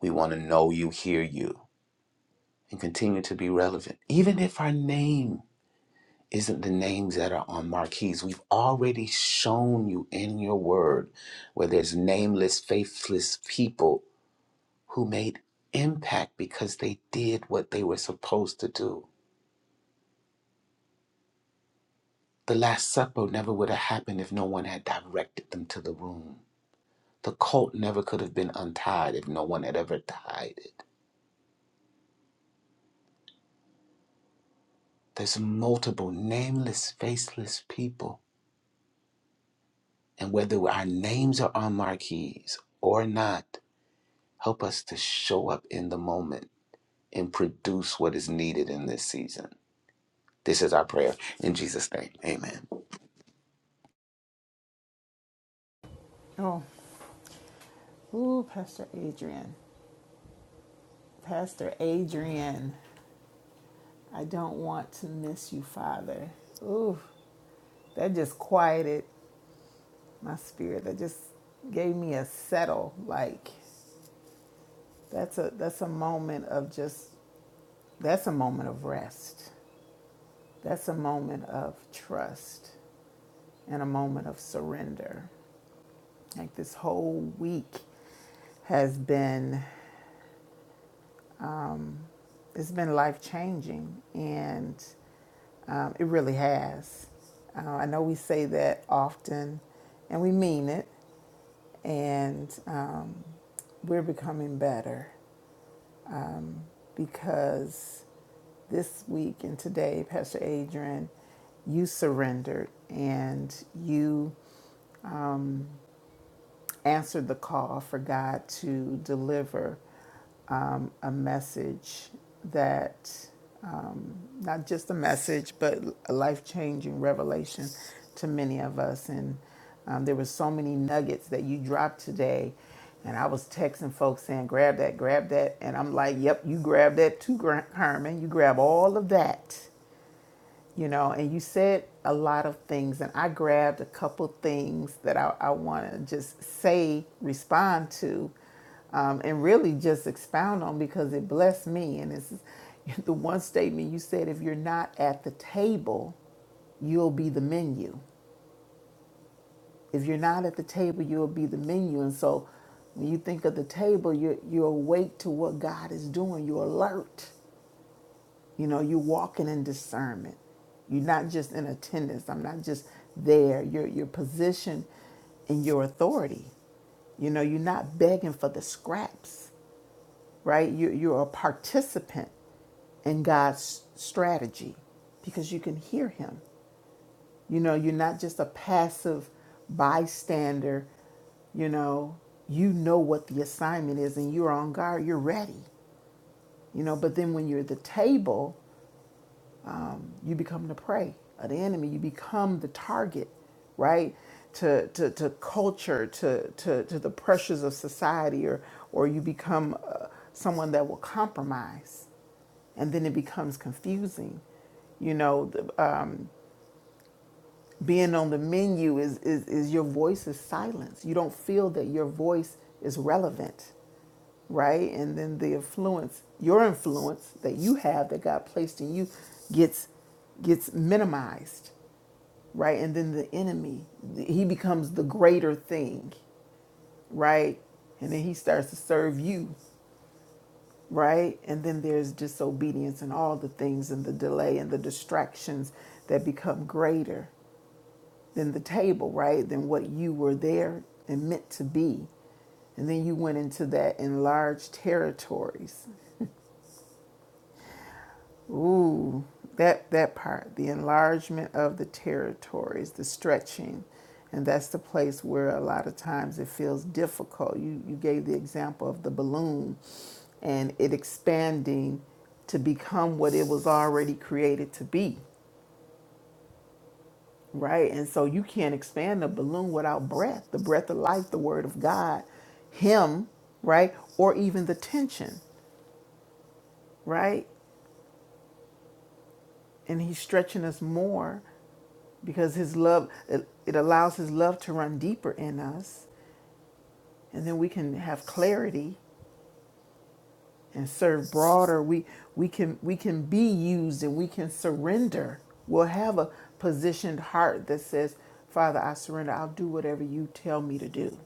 Speaker 6: We want to know you, hear you. and continue to be relevant. Even if our name isn't the names that are on marquees, we've already shown you in your word where there's nameless, faithless people who made impact because they did what they were supposed to do. The Last Supper never would have happened if no one had directed them to the room. The cult never could have been untied if no one had ever tied it. There's multiple nameless, faceless people And whether our names are on marquees or not, help us to show up in the moment and produce what is needed in this season. This is our prayer in Jesus' name. Amen.
Speaker 4: Oh, ooh, Pastor Adrian. Pastor Adrian, I don't want to miss you, Father. Ooh, that just quieted my spirit. That just gave me a settle. Like that's a that's a moment of just That's a moment of rest. That's a moment of trust and a moment of surrender. Like this whole week has been, it's been life changing and um, it really has. Uh, I know we say that often and we mean it, and um, we're becoming better because this week and today, Pastor Adrian, you surrendered and you answered the call for God to deliver um, a message that, um, not just a message, but a life changing revelation to many of us. And um, there were so many nuggets that you dropped today. And I was texting folks saying, grab that, grab that. And I'm like, yep, you grab that too, Gra- Herman. You grab all of that you know and you said a lot of things and i grabbed a couple things that i, I want to just say respond to um, and really just expound on because it blessed me and it's the one statement you said if you're not at the table you'll be the menu if you're not at the table you'll be the menu and so when you think of the table you're, you're awake to what god is doing you're alert you know, you're walking in discernment. You're not just in attendance. I'm not just there. You're your position and your authority. You know, you're not begging for the scraps, right? You you're a participant in God's strategy because you can hear him. You know, you're not just a passive bystander, you know, you know what the assignment is and you're on guard, you're ready. You know, but then when you're at the table you become the prey of the enemy you become the target right to to, to culture to, to to the pressures of society or or you become uh, someone that will compromise and then it becomes confusing you know the, um, being on the menu is, is is your voice is silenced you don't feel that your voice is relevant right and then the influence your influence that you have that god placed in you gets gets minimized right? And then the enemy, he becomes the greater thing, right? And then he starts to serve you, right? And then there's disobedience and all the things and the delay and the distractions that become greater than the table, right? Than what you were there and meant to be. And then you went into that enlarged territories, Ooh, that that part, the enlargement of the territories, the stretching, and that's the place where a lot of times it feels difficult. You you gave the example of the balloon, and it expanding to become what it was already created to be, right? And so you can't expand the balloon without breath, the breath of life, the Word of God, Him, right, or even the tension, right? And He's stretching us more because his love it, it allows his love to run deeper in us and then we can have clarity and serve broader we we can we can be used and we can surrender we'll have a positioned heart that says father i surrender i'll do whatever you tell me to do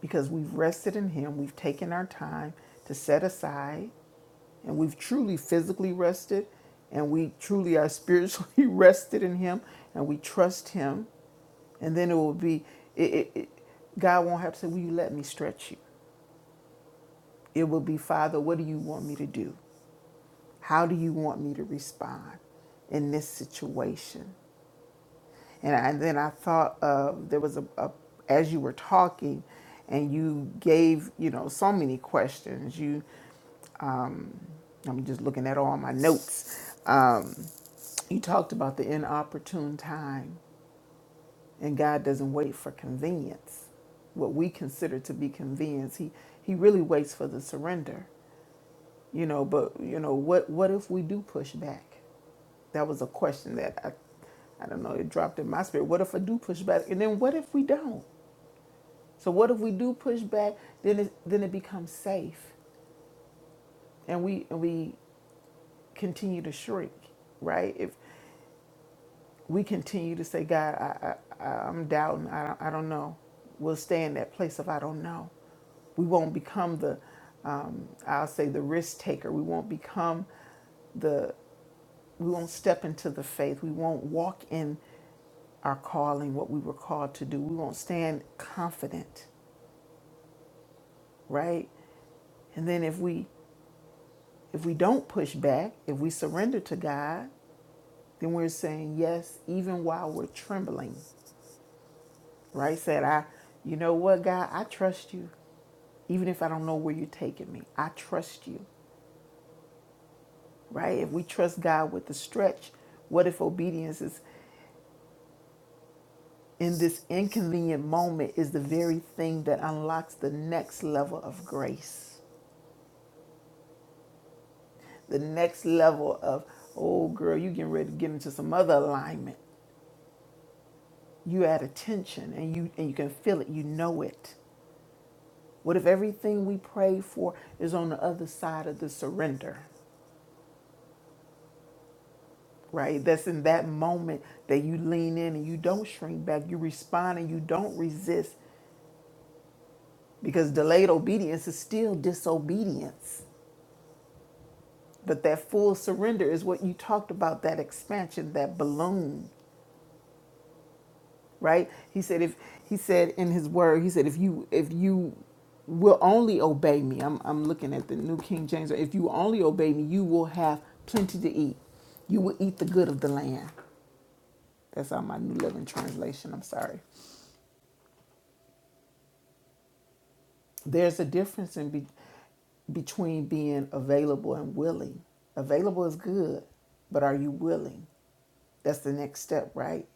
Speaker 4: because we've rested in him we've taken our time to set aside and we've truly physically rested and we truly are spiritually rested in him and we trust him and then it will be it, it, it, god won't have to say will you let me stretch you it will be father what do you want me to do how do you want me to respond in this situation and, I, and then i thought uh, there was a, a as you were talking and you gave you know so many questions you I'm just looking at all my notes. Um, you talked about the inopportune time, and God doesn't wait for convenience. What we consider to be convenience, he he really waits for the surrender. You know, but you know what? What if we do push back? That was a question that I, I don't know. It dropped in my spirit. What if I do push back? And then what if we don't? So what if we do push back? Then it then it becomes safe, and we and we continue to shrink, right? If we continue to say, God, I, I, I- I'm doubting. I, don't- I don't know. We'll stay in that place of I don't know. We won't become the, um, I'll say, the risk taker. We won't become the, we won't step into the faith. We won't walk in our calling, what we were called to do. We won't stand confident, right? And then if we, if we don't push back, if we surrender to God, then we're saying yes, even while we're trembling right? Said, I, you know what, God, I trust you. Even if I don't know where you're taking me, I trust you, right? If we trust God with the stretch, what if obedience is in this inconvenient moment is the very thing that unlocks the next level of grace, the next level of, oh girl, you getting ready to get into some other alignment. You add attention and you and you can feel it, you know it. What if everything we pray for is on the other side of the surrender? right? That's in that moment that you lean in and you don't shrink back. You respond and you don't resist because delayed obedience is still disobedience. But that full surrender is what you talked about that expansion, that balloon, right? He said if he said in his word, he said if you if you will only obey me. I'm I'm looking at the New King James. If you only obey me, you will have plenty to eat. You will eat the good of the land. That's on my New Living Translation. I'm sorry. There's a difference in be- between being available and willing. Available is good, but are you willing? That's the next step, right?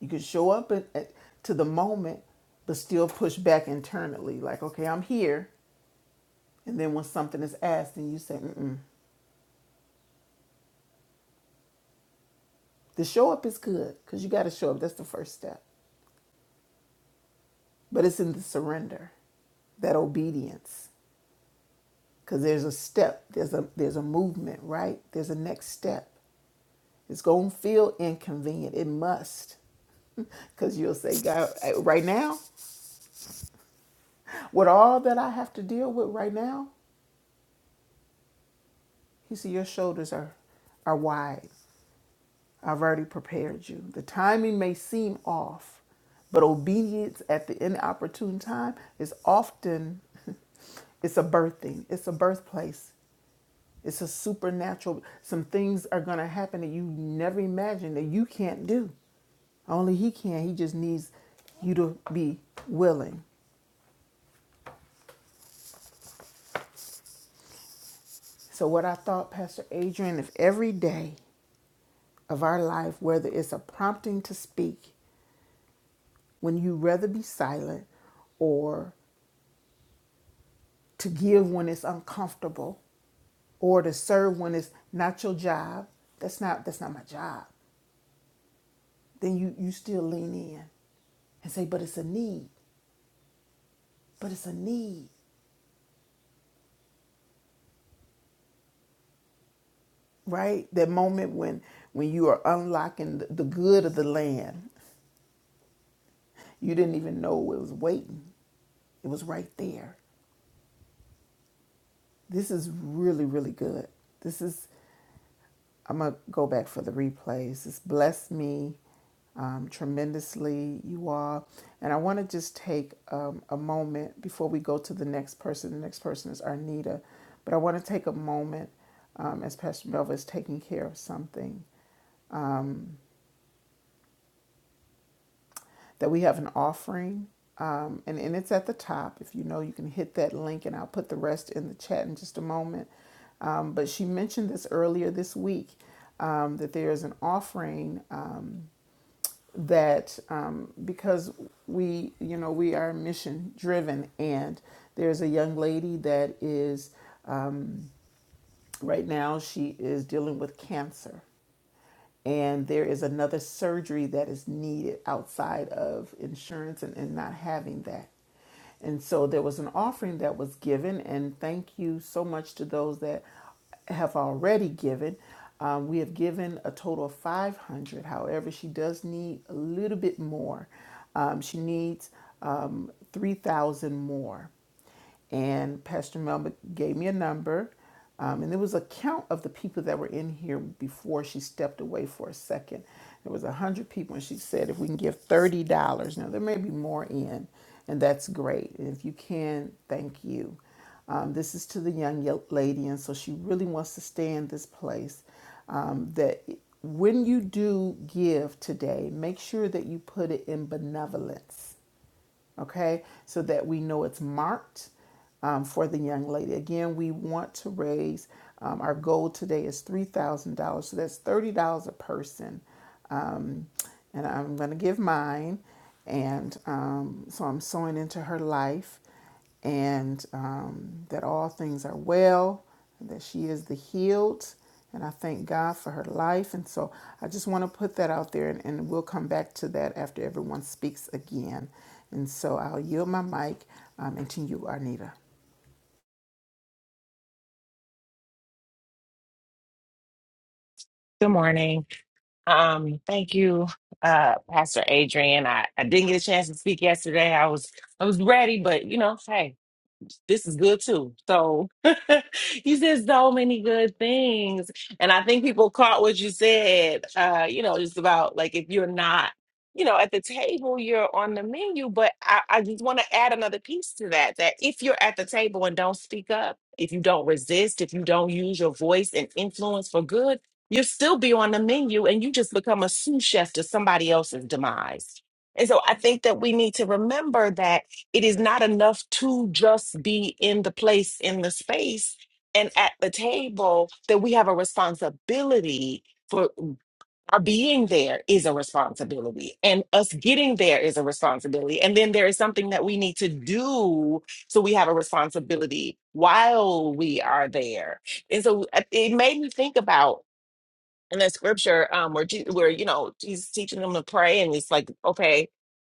Speaker 4: You can show up at, at, to the moment, but still push back internally. Like, okay, I'm here. And then when something is asked, and you say, mm the show up is good because you got to show up. That's the first step. But it's in the surrender, that obedience, because there's a step, there's a there's a movement, right? There's a next step. It's going to feel inconvenient. It must. Because you'll say, God, eh, right now, with all that I have to deal with right now, He said, Your shoulders are, are wide. I've already prepared you. The timing may seem off, but obedience at the inopportune time is often it's a birthing, it's a birthplace. It's a supernatural. Some things are going to happen that you never imagined that you can't do. Only He can. He just needs you to be willing. So, what I thought, Pastor Adrian, if every day of our life, whether it's a prompting to speak when you rather be silent, or to give when it's uncomfortable, or to serve when it's not your job, that's not that's not my job. Then you you still lean in and say, but it's a need, but it's a need. right? That moment when when you are unlocking the the good of the land, you didn't even know it was waiting. It was right there. This is really really good. This is I'm gonna go back for the replays. This blessed me um, tremendously, you all. And I want to just take um, a moment before we go to the next person. The next person is Arnita, but I want to take a moment um, as Pastor Melva is taking care of something that we have an offering. Um, and, and it's at the top. If you know, you can hit that link, and I'll put the rest in the chat in just a moment. Um, but she mentioned this earlier this week um, that there is an offering um, that um, because we, you know, we are mission driven, and there's a young lady that is right now, she is dealing with cancer and there is another surgery that is needed outside of insurance and, and not having that. And so there was an offering that was given, and thank you so much to those that have already given. Um, we have given a total of 500. However, she does need a little bit more. Um, she needs um, 3,000 more and Pastor Melba gave me a number. Um, and there was a count of the people that were in here before she stepped away for a second. There was a hundred people, and she said, "If we can give thirty dollars, now there may be more in, and that's great. And if you can, thank you. Um, this is to the young lady, and so she really wants to stay in this place. Um, that when you do give today, make sure that you put it in benevolence okay, so that we know it's marked um, for the young lady. Again, we want to raise um, our goal today is three thousand dollars, so that's thirty dollars a person. Um, and I'm going to give mine, and um, so I'm sewing into her life, and um, that all things are well, and that she is the healed. And I thank God for her life. And so I just want to put that out there, and, and we'll come back to that after everyone speaks again. And so I'll yield my mic um, and to you, Arnita.
Speaker 5: Good morning. Um, thank you, uh, Pastor Adrian. I, I didn't get a chance to speak yesterday. I was I was ready, but you know, hey, this is good too. So you said so many good things. And I think people caught what you said, uh, you know, just about like if you're not, you know, at the table, you're on the menu. But I, I just want to add another piece to that that if you're at the table and don't speak up, if you don't resist, if you don't use your voice and influence for good, you'll still be on the menu and you just become a sous chef to somebody else's demise. And so I think that we need to remember that it is not enough to just be in the place in the space and at the table that we have a responsibility for our being there is a responsibility and us getting there is a responsibility and then there is something that we need to do so we have a responsibility while we are there and so uh, it made me think about in the scripture um where, Je- where you know jesus teaching them to pray and it's like okay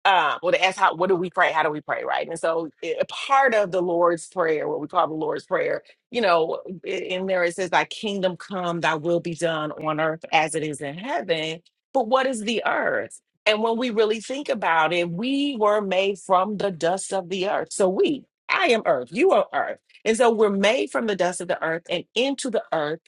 Speaker 5: um, well, they ask how what do we pray? How do we pray, right? And so, it, a part of the Lord's prayer, what we call the Lord's prayer, you know, i- in there it says, "Thy kingdom come, Thy will be done on earth as it is in heaven." But what is the earth? And when we really think about it, we were made from the dust of the earth. So we, I am earth, you are earth, and so we're made from the dust of the earth and into the earth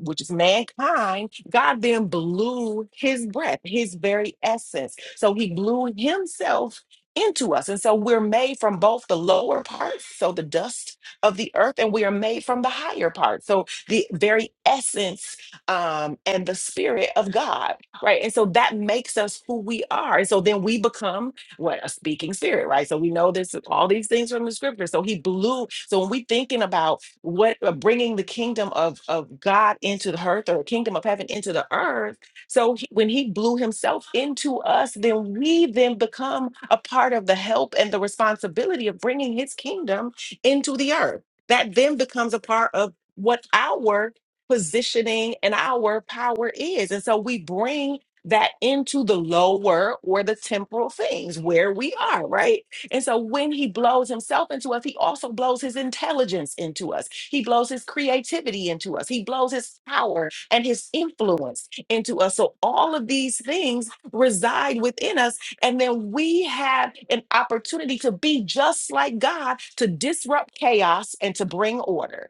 Speaker 5: which is mankind, God then blew his breath, his very essence. So he blew himself into us. And so we're made from both the lower parts, so the dust of the earth, and we are made from the higher part. So the very essence um, and the spirit of God, right? And so that makes us who we are. And so then we become what a speaking spirit, right? So we know this all these things from the scripture. So he blew. So when we thinking about what uh, bringing the kingdom of of God into the earth or kingdom of heaven into the earth. So he- when he blew himself into us, then we then become a part of the help and the responsibility of bringing his kingdom into the earth. That then becomes a part of what our positioning and our power is. And so we bring that into the lower or the temporal things where we are, right? And so when he blows himself into us, he also blows his intelligence into us. He blows his creativity into us. He blows his power and his influence into us. So all of these things reside within us. And then we have an opportunity to be just like God, to disrupt chaos and to bring order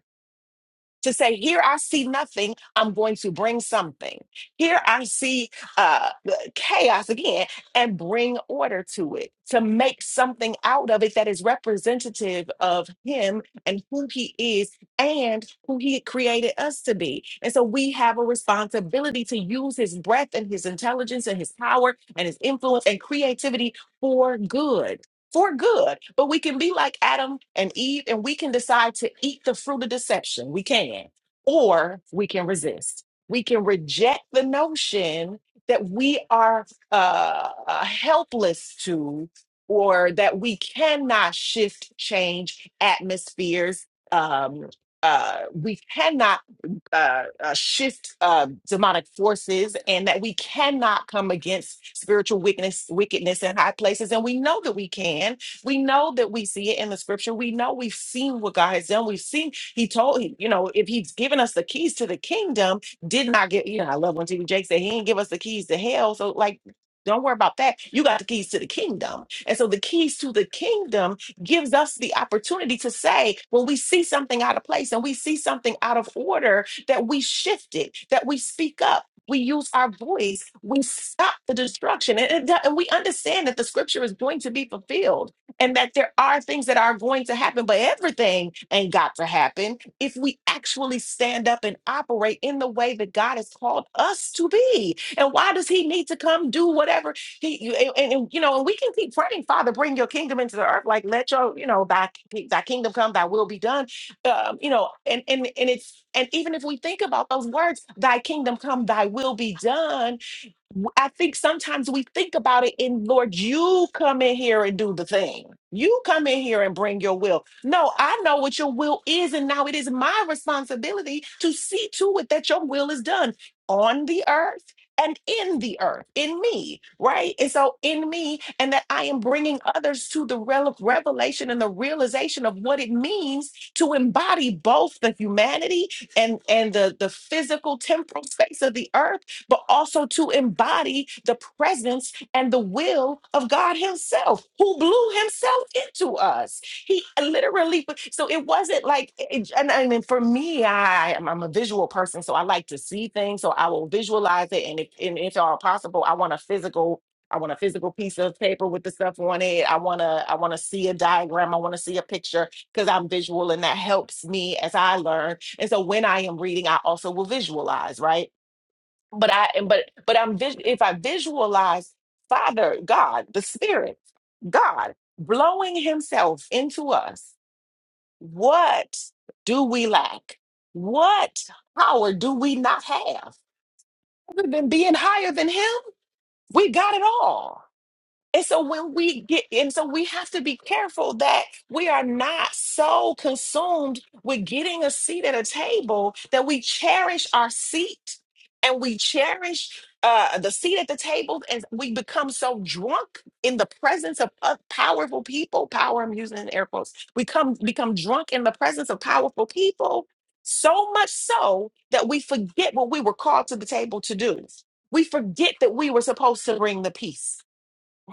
Speaker 5: to say, Here I see nothing, I'm going to bring something. Here I see uh, chaos again and bring order to it, to make something out of it that is representative of Him and who He is and who He created us to be. And so we have a responsibility to use His breath and His intelligence and His power and His influence and creativity for good for good. But we can be like Adam and Eve and we can decide to eat the fruit of deception. We can. Or we can resist. We can reject the notion that we are uh, uh, helpless to or that we cannot shift, change atmospheres. Um, uh, we cannot uh, uh, shift uh, demonic forces and that we cannot come against spiritual wickedness, wickedness in high places. And we know that we can. We know that we see it in the scripture. We know we've seen what God has done. We've seen, He told, you know, if He's given us the keys to the kingdom, did not get, you know, I love when T.B. Jake said He didn't give us the keys to hell. So, like, don't worry about that. You got the keys to the kingdom. And so the keys to the kingdom gives us the opportunity to say when we see something out of place and we see something out of order that we shift it, that we speak up. We use our voice. We stop the destruction. And, and that- and we understand that the scripture is going to be fulfilled and that there are things that are going to happen, but everything ain't got to happen if we actually stand up and operate in the way that God has called us to be. And why does He need to come do whatever He you- and, and- and, you know? And we can keep praying, Father, bring Your kingdom into the earth. Like let Your you know Thy Thy kingdom come, Thy will be done um, you know, and and and it's and even if we think about those words, "Thy kingdom come, Thy will be done," w- I think sometimes we think about it in Lord, you come in here and do the thing. You come in here and bring your will. No, I know what your will is, and now it is my responsibility to see to it that your will is done on the earth and in the earth, in me, right? And so in me, and that I am bringing others to the rel- revelation and the realization of what it means to embody both the humanity and and the the physical temporal space of the earth but also to embody the presence and the will of God Himself, who blew Himself into us. He uh, literally, so it wasn't like, it- and I mean, for me, I, I'm I'm a visual person, so I like to see things, so I will visualize it. And if, and if at all possible, I want a physical. I want a physical piece of paper with the stuff on it. I want to I want to see a diagram. I want to see a picture because I'm visual and that helps me as I learn. And so when I am reading, I also will visualize, right? but I and but but I'm vis- if I visualize Father God, the Spirit, God blowing Himself into us, what do we lack? What power do we not have other than being higher than Him? We got it all and so when we get, and so we have to be careful that we are not so consumed with getting a seat at a table that we cherish our seat and we cherish uh, the seat at the table and we become so drunk in the presence of uh, powerful people. Power, I'm using in air quotes. We come become drunk in the presence of powerful people so much so that we forget what we were called to the table to do. We forget that we were supposed to bring the peace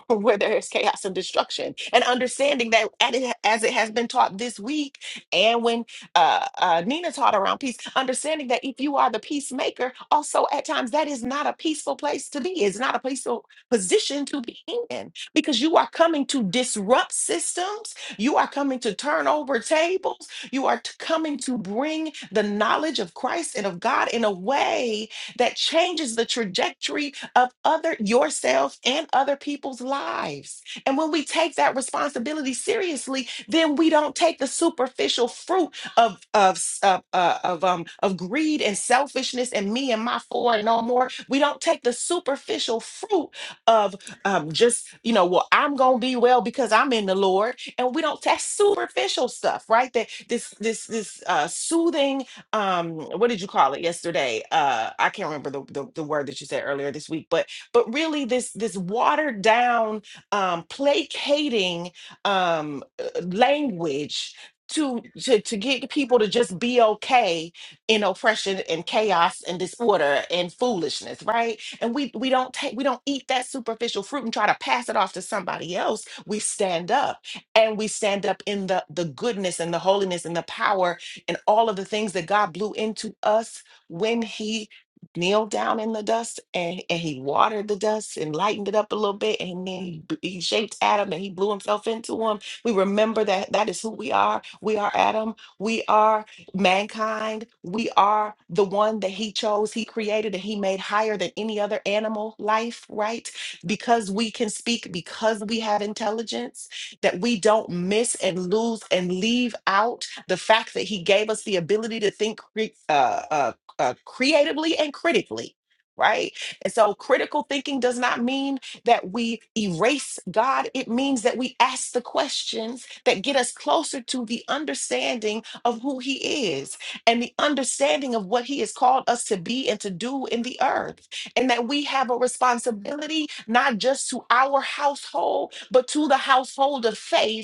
Speaker 5: where there is chaos and destruction and understanding that at it- as it has been taught this week and when uh, uh, nina taught around peace understanding that if you are the peacemaker also at times that is not a peaceful place to be it's not a peaceful position to be in because you are coming to disrupt systems you are coming to turn over tables you are t- coming to bring the knowledge of christ and of god in a way that changes the trajectory of other yourself and other people's lives. And when we take that responsibility seriously, then we don't take the superficial fruit of of s- of, uh, of um of greed and selfishness and me and my four and no more. We don't take the superficial fruit of um just you know well I'm gonna be well because I'm in the Lord, and we don't that superficial stuff, right? That this this this uh, soothing um what did you call it yesterday uh i can't remember the, the the word that you said earlier this week but but really this this watered down um placating um uh, language to, to to get people to just be okay in oppression and chaos and disorder and foolishness right and we we don't take we don't eat that superficial fruit and try to pass it off to somebody else we stand up and we stand up in the the goodness and the holiness and the power and all of the things that God blew into us when He kneeled down in the dust and, and He watered the dust and lightened it up a little bit. And then He, b- he shaped Adam and He blew Himself into Him. We remember that that is who we are. We are Adam. We are mankind. We are the one that He chose, He created, and He made higher than any other animal life, right? Because we can speak, because we have intelligence, that we don't miss and lose and leave out the fact that he gave us the ability to think cre- uh, uh, uh, creatively and critically. Right. And so critical thinking does not mean that we erase God. It means that we ask the questions that get us closer to the understanding of who He is and the understanding of what He has called us to be and to do in the earth. And that we have a responsibility, not just to our household, but to the household of faith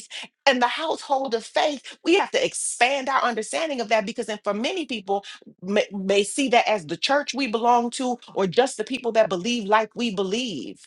Speaker 5: in the household of faith, we have to expand our understanding of that because, and for many people, may, may see that as the church we belong to or just the people that believe like we believe.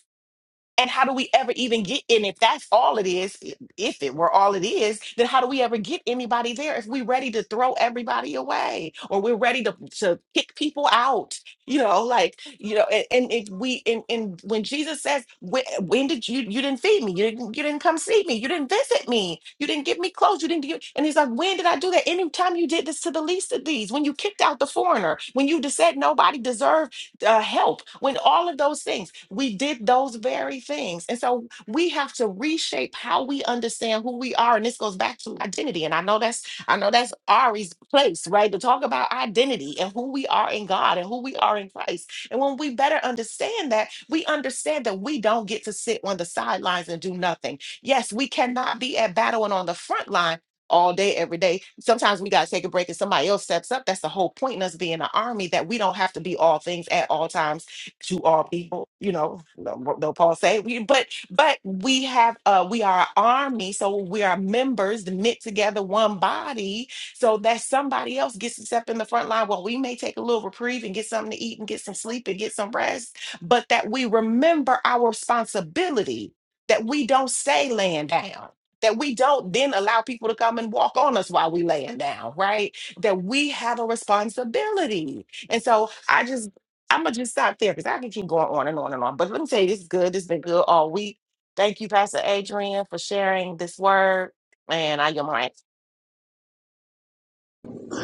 Speaker 5: And how do we ever even get in? If that's all it is, i- if it were all it is, then how do we ever get anybody there if we're ready to throw everybody away or we're ready to, to kick people out? You know, like, you know, and, and if we, and, and when Jesus says, when, when did you, you didn't feed me? You didn't, you didn't come see me. You didn't visit me. You didn't give me clothes. You didn't give, and he's like, when did I do that? Anytime you did this to the least of these, when you kicked out the foreigner, when you just said nobody deserved uh, help, when all of those things we did those very things. And so we have to reshape how we understand who we are. And this goes back to identity. And I know that's I know that's Ari's place, right? To talk about identity and who we are in God and who we are in Christ. And when we better understand that, we understand that we don't get to sit on the sidelines and do nothing. Yes, we cannot be at battle and on the front line all day, every day. Sometimes we got to take a break and somebody else steps up. That's the whole point in us being an army that we don't have to be all things at all times to all people. You know, what though Paul say, we- but but we have uh we are an army, so we are members knit together one body, so that somebody else gets to step in the front line. Well, we may take a little reprieve and get something to eat and get some sleep and get some rest, but that we remember our responsibility, that we don't stay laying down. That we don't then allow people to come and walk on us while we laying down, right? That we have a responsibility. And so I just I'm gonna just stop there because I can keep going on and on and on. But let me tell you, this is good. This has been good all week. Thank you, Pastor Adrian, for sharing this word. And I am right.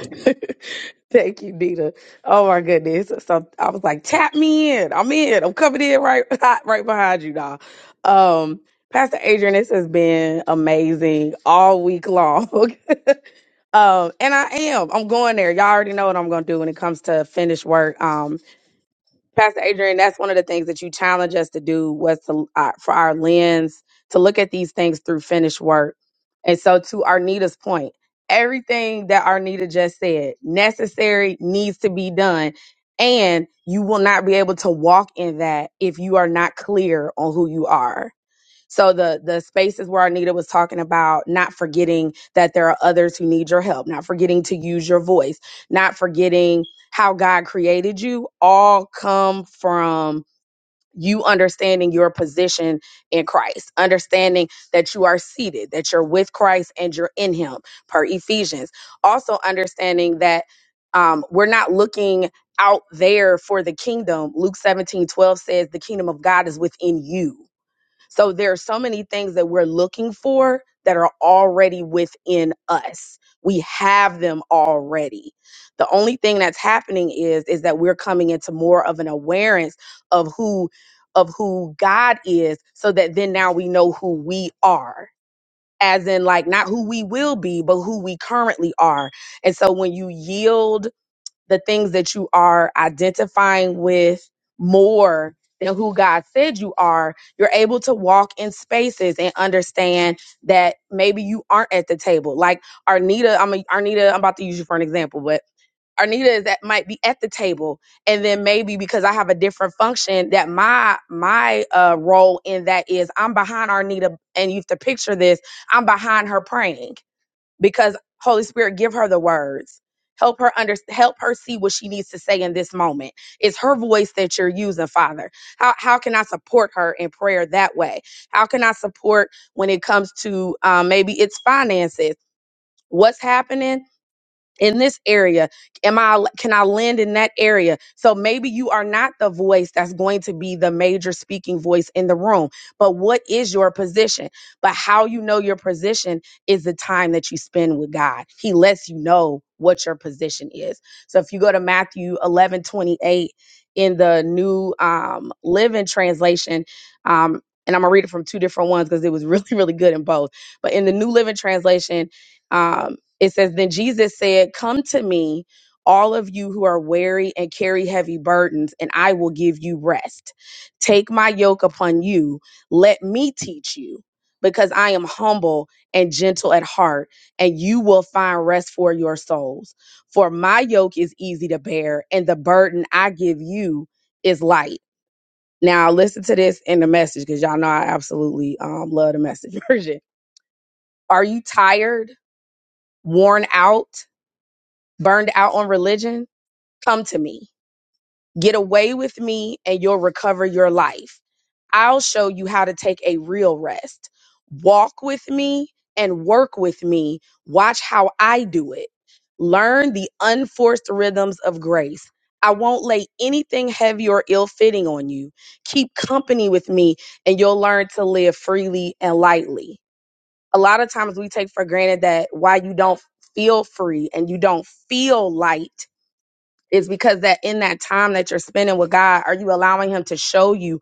Speaker 7: Thank you, Nita. Oh my goodness. So I was like, tap me in. I'm in. I'm coming in right hot right behind you now. Um, Pastor Adrian, this has been amazing all week long. um, and I am. I'm going there. Y'all already know what I'm gonna do when it comes to finished work. Um, Pastor Adrian, that's one of the things that you challenge us to do was to uh, for our lens to look at these things through finished work. And so, to Arnita's point, everything that Arnita just said necessary needs to be done, and you will not be able to walk in that if you are not clear on who you are. So the the spaces where Anita was talking about not forgetting that there are others who need your help, not forgetting to use your voice, not forgetting how God created you, all come from you understanding your position in Christ, understanding that you are seated, that you're with Christ and you're in Him, per Ephesians. Also understanding that um, we're not looking out there for the kingdom. Luke 17:12 says, The kingdom of God is within you so there are so many things that we're looking for that are already within us. We have them already. The only thing that's happening is is that we're coming into more of an awareness of who of who God is so that then now we know who we are. As in like not who we will be, but who we currently are. And so when you yield the things that you are identifying with more than who God said you are, you're able to walk in spaces and understand that maybe you aren't at the table. Like Arnita, I'm a, Arnita, I'm about to use you for an example, but Arnita is that might be at the table, and then maybe because I have a different function, that my my uh, role in that is I'm behind Arnita, and you have to picture this: I'm behind her praying because Holy Spirit, give her the words. Help her under help her see what she needs to say in this moment. It's her voice that you're using, Father. How how can I support her in prayer that way? How can I support when it comes to um, maybe it's finances? What's happening? in this area am i can i land in that area so maybe you are not the voice that's going to be the major speaking voice in the room but what is your position but how you know your position is the time that you spend with god he lets you know what your position is so if you go to matthew 11 28 in the new um living translation um and i'm gonna read it from two different ones because it was really really good in both but in the new living translation um, it says, Then Jesus said, Come to me, all of you who are weary and carry heavy burdens, and I will give you rest. Take my yoke upon you. Let me teach you, because I am humble and gentle at heart, and you will find rest for your souls. For my yoke is easy to bear, and the burden I give you is light. Now, listen to this in the message, because y'all know I absolutely um, love the message version. Are you tired, worn out? burned out on religion, come to me. Get away with me and you'll recover your life. I'll show you how to take a real rest. Walk with me and work with me. Watch how I do it. Learn the unforced rhythms of grace. I won't lay anything heavy or ill fitting on you. Keep company with me and you'll learn to live freely and lightly. A lot of times we take for granted that why you don't feel free and you don't feel light is because that in that time that you're spending with God, are you allowing Him to show you?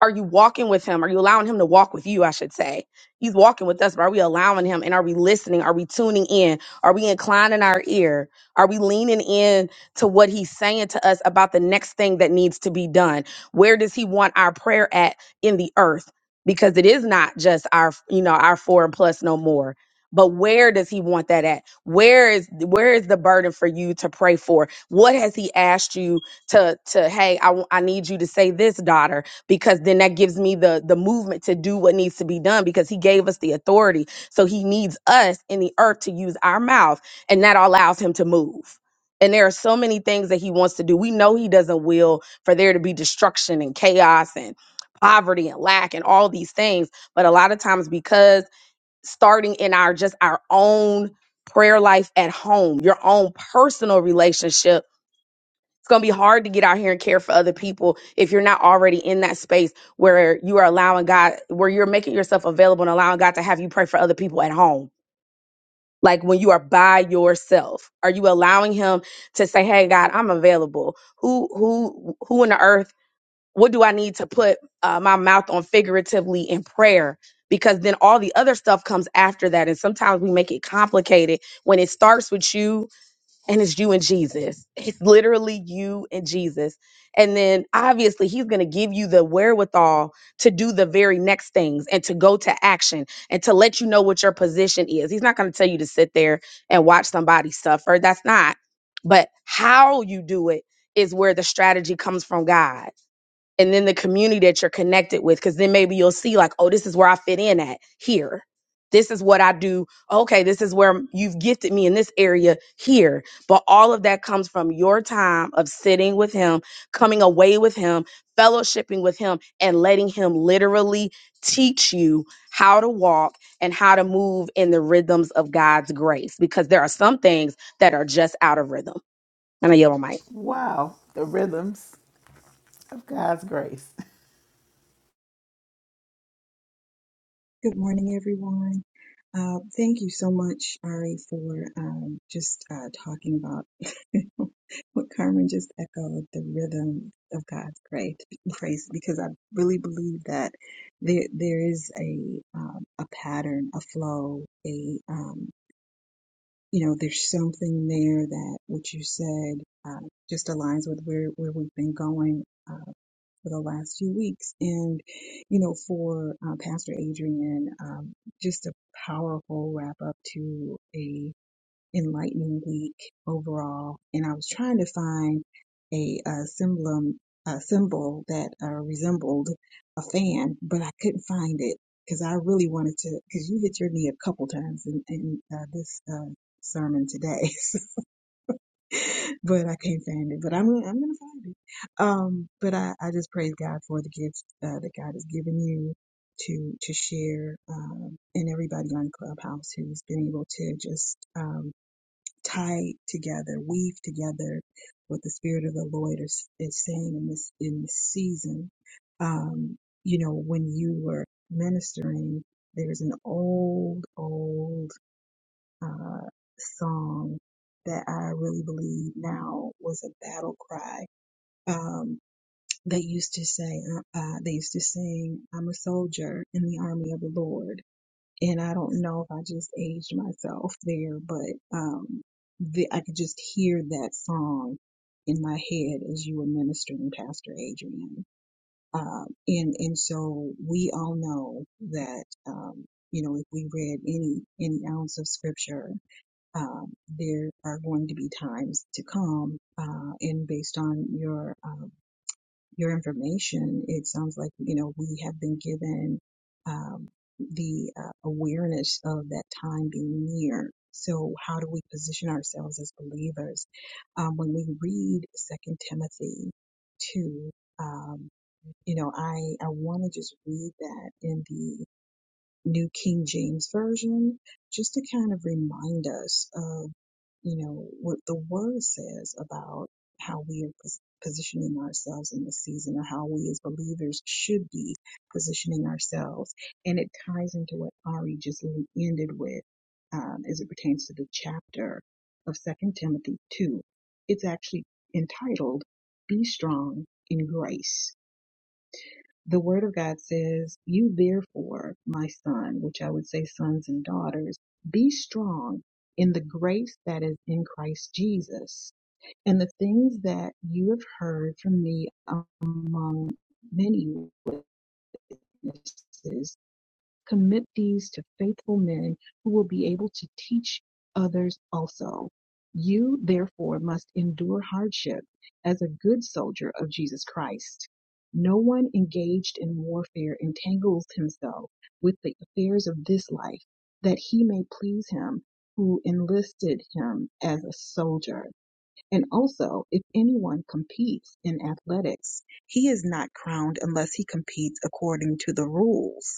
Speaker 7: Are you walking with him? Are you allowing him to walk with you? I should say. He's walking with us, but are we allowing him? And are we listening? Are we tuning in? Are we inclining our ear? Are we leaning in to what he's saying to us about the next thing that needs to be done? Where does he want our prayer at in the earth? Because it is not just our, you know, our four and plus no more. But where does he want that at? Where is where is the burden for you to pray for? What has he asked you to to hey, I, w- I need you to say this, daughter because then that gives me the the movement to do what needs to be done because he gave us the authority so he needs us in the earth to use our mouth and that allows him to move and there are so many things that he wants to do we know he doesn't will for there to be destruction and chaos and poverty and lack and all these things but a lot of times because starting in our just our own prayer life at home your own personal relationship it's going to be hard to get out here and care for other people if you're not already in that space where you are allowing God, where you're making yourself available and allowing God to have you pray for other people at home. Like when you are by yourself, are you allowing Him to say, "Hey, God, I'm available. Who, who, who in the earth? What do I need to put uh, my mouth on figuratively in prayer?" Because then all the other stuff comes after that, and sometimes we make it complicated when it starts with you and it's you and Jesus. It's literally you and Jesus. And then obviously he's going to give you the wherewithal to do the very next things and to go to action and to let you know what your position is. He's not going to tell you to sit there and watch somebody suffer. That's not. But how you do it is where the strategy comes from God and then the community that you're connected with because then maybe you'll see like oh this is where i fit in at here this is what i do okay this is where you've gifted me in this area here but all of that comes from your time of sitting with him coming away with him fellowshipping with him and letting him literally teach you how to walk and how to move in the rhythms of god's grace because there are some things that are just out of rhythm and i yell on mic
Speaker 4: Wow, the rhythms of God's grace.
Speaker 8: Good morning, everyone. Uh, thank you so much, Ari, for um, just uh, talking about what Carmen just echoed the rhythm of God's grace, grace because I really believe that there there is a um, a pattern, a flow, a um, you know, there's something there that what you said uh, just aligns with where where we've been going. um, for the last few weeks. And, you know, for uh, Pastor Adrian, um, just a powerful wrap up to a enlightening week overall. And I was trying to find a, uh symbol, a symbol that uh, resembled a fan, but I couldn't find it because I really wanted to, because you hit your knee a couple times in, in uh, this uh, sermon today. but I can't find it. But I'm gonna, I'm gonna find it. Um, but I, I just praise God for the gifts uh, that God has given you to to share, um, and everybody on Clubhouse who's been able to just um, tie together, weave together what the Spirit of the Lord is, is saying in this in this season. Um, you know, when you were ministering, there's an old, old uh, song that I really believe now was a battle cry. Um, they used to say, uh, uh, they used to sing, I'm a soldier in the army of the Lord. And I don't know if I just aged myself there, but um, the, I could just hear that song in my head as you were ministering, Pastor Adrian. Um, and and so we all know that um, you know if we read any any ounce of scripture um, there are going to be times to come, uh, and based on your um, your information, it sounds like you know we have been given um, the uh, awareness of that time being near. So, how do we position ourselves as believers um, when we read Second Timothy two? Um, you know, I I want to just read that in the New King James version, just to kind of remind us of you know, what the word says about how we are pos- positioning ourselves in this season or how we as believers should be positioning ourselves. And it ties into what Ari just ended with um, as it pertains to the chapter of Second Timothy 2. It's actually entitled, Be Strong in Grace the word of God says, You therefore, my son, which I would say sons and daughters, be strong in the grace that is in Christ Jesus. And the things that you have heard from me among many witnesses, Commit these to faithful men who will be able to teach others also. You, therefore, must endure hardship as a good soldier of Jesus Christ. No one engaged in warfare entangles himself with the affairs of this life, that he may please him who enlisted him as a soldier. And also, if anyone competes in athletics, he is not crowned unless he competes according to the rules.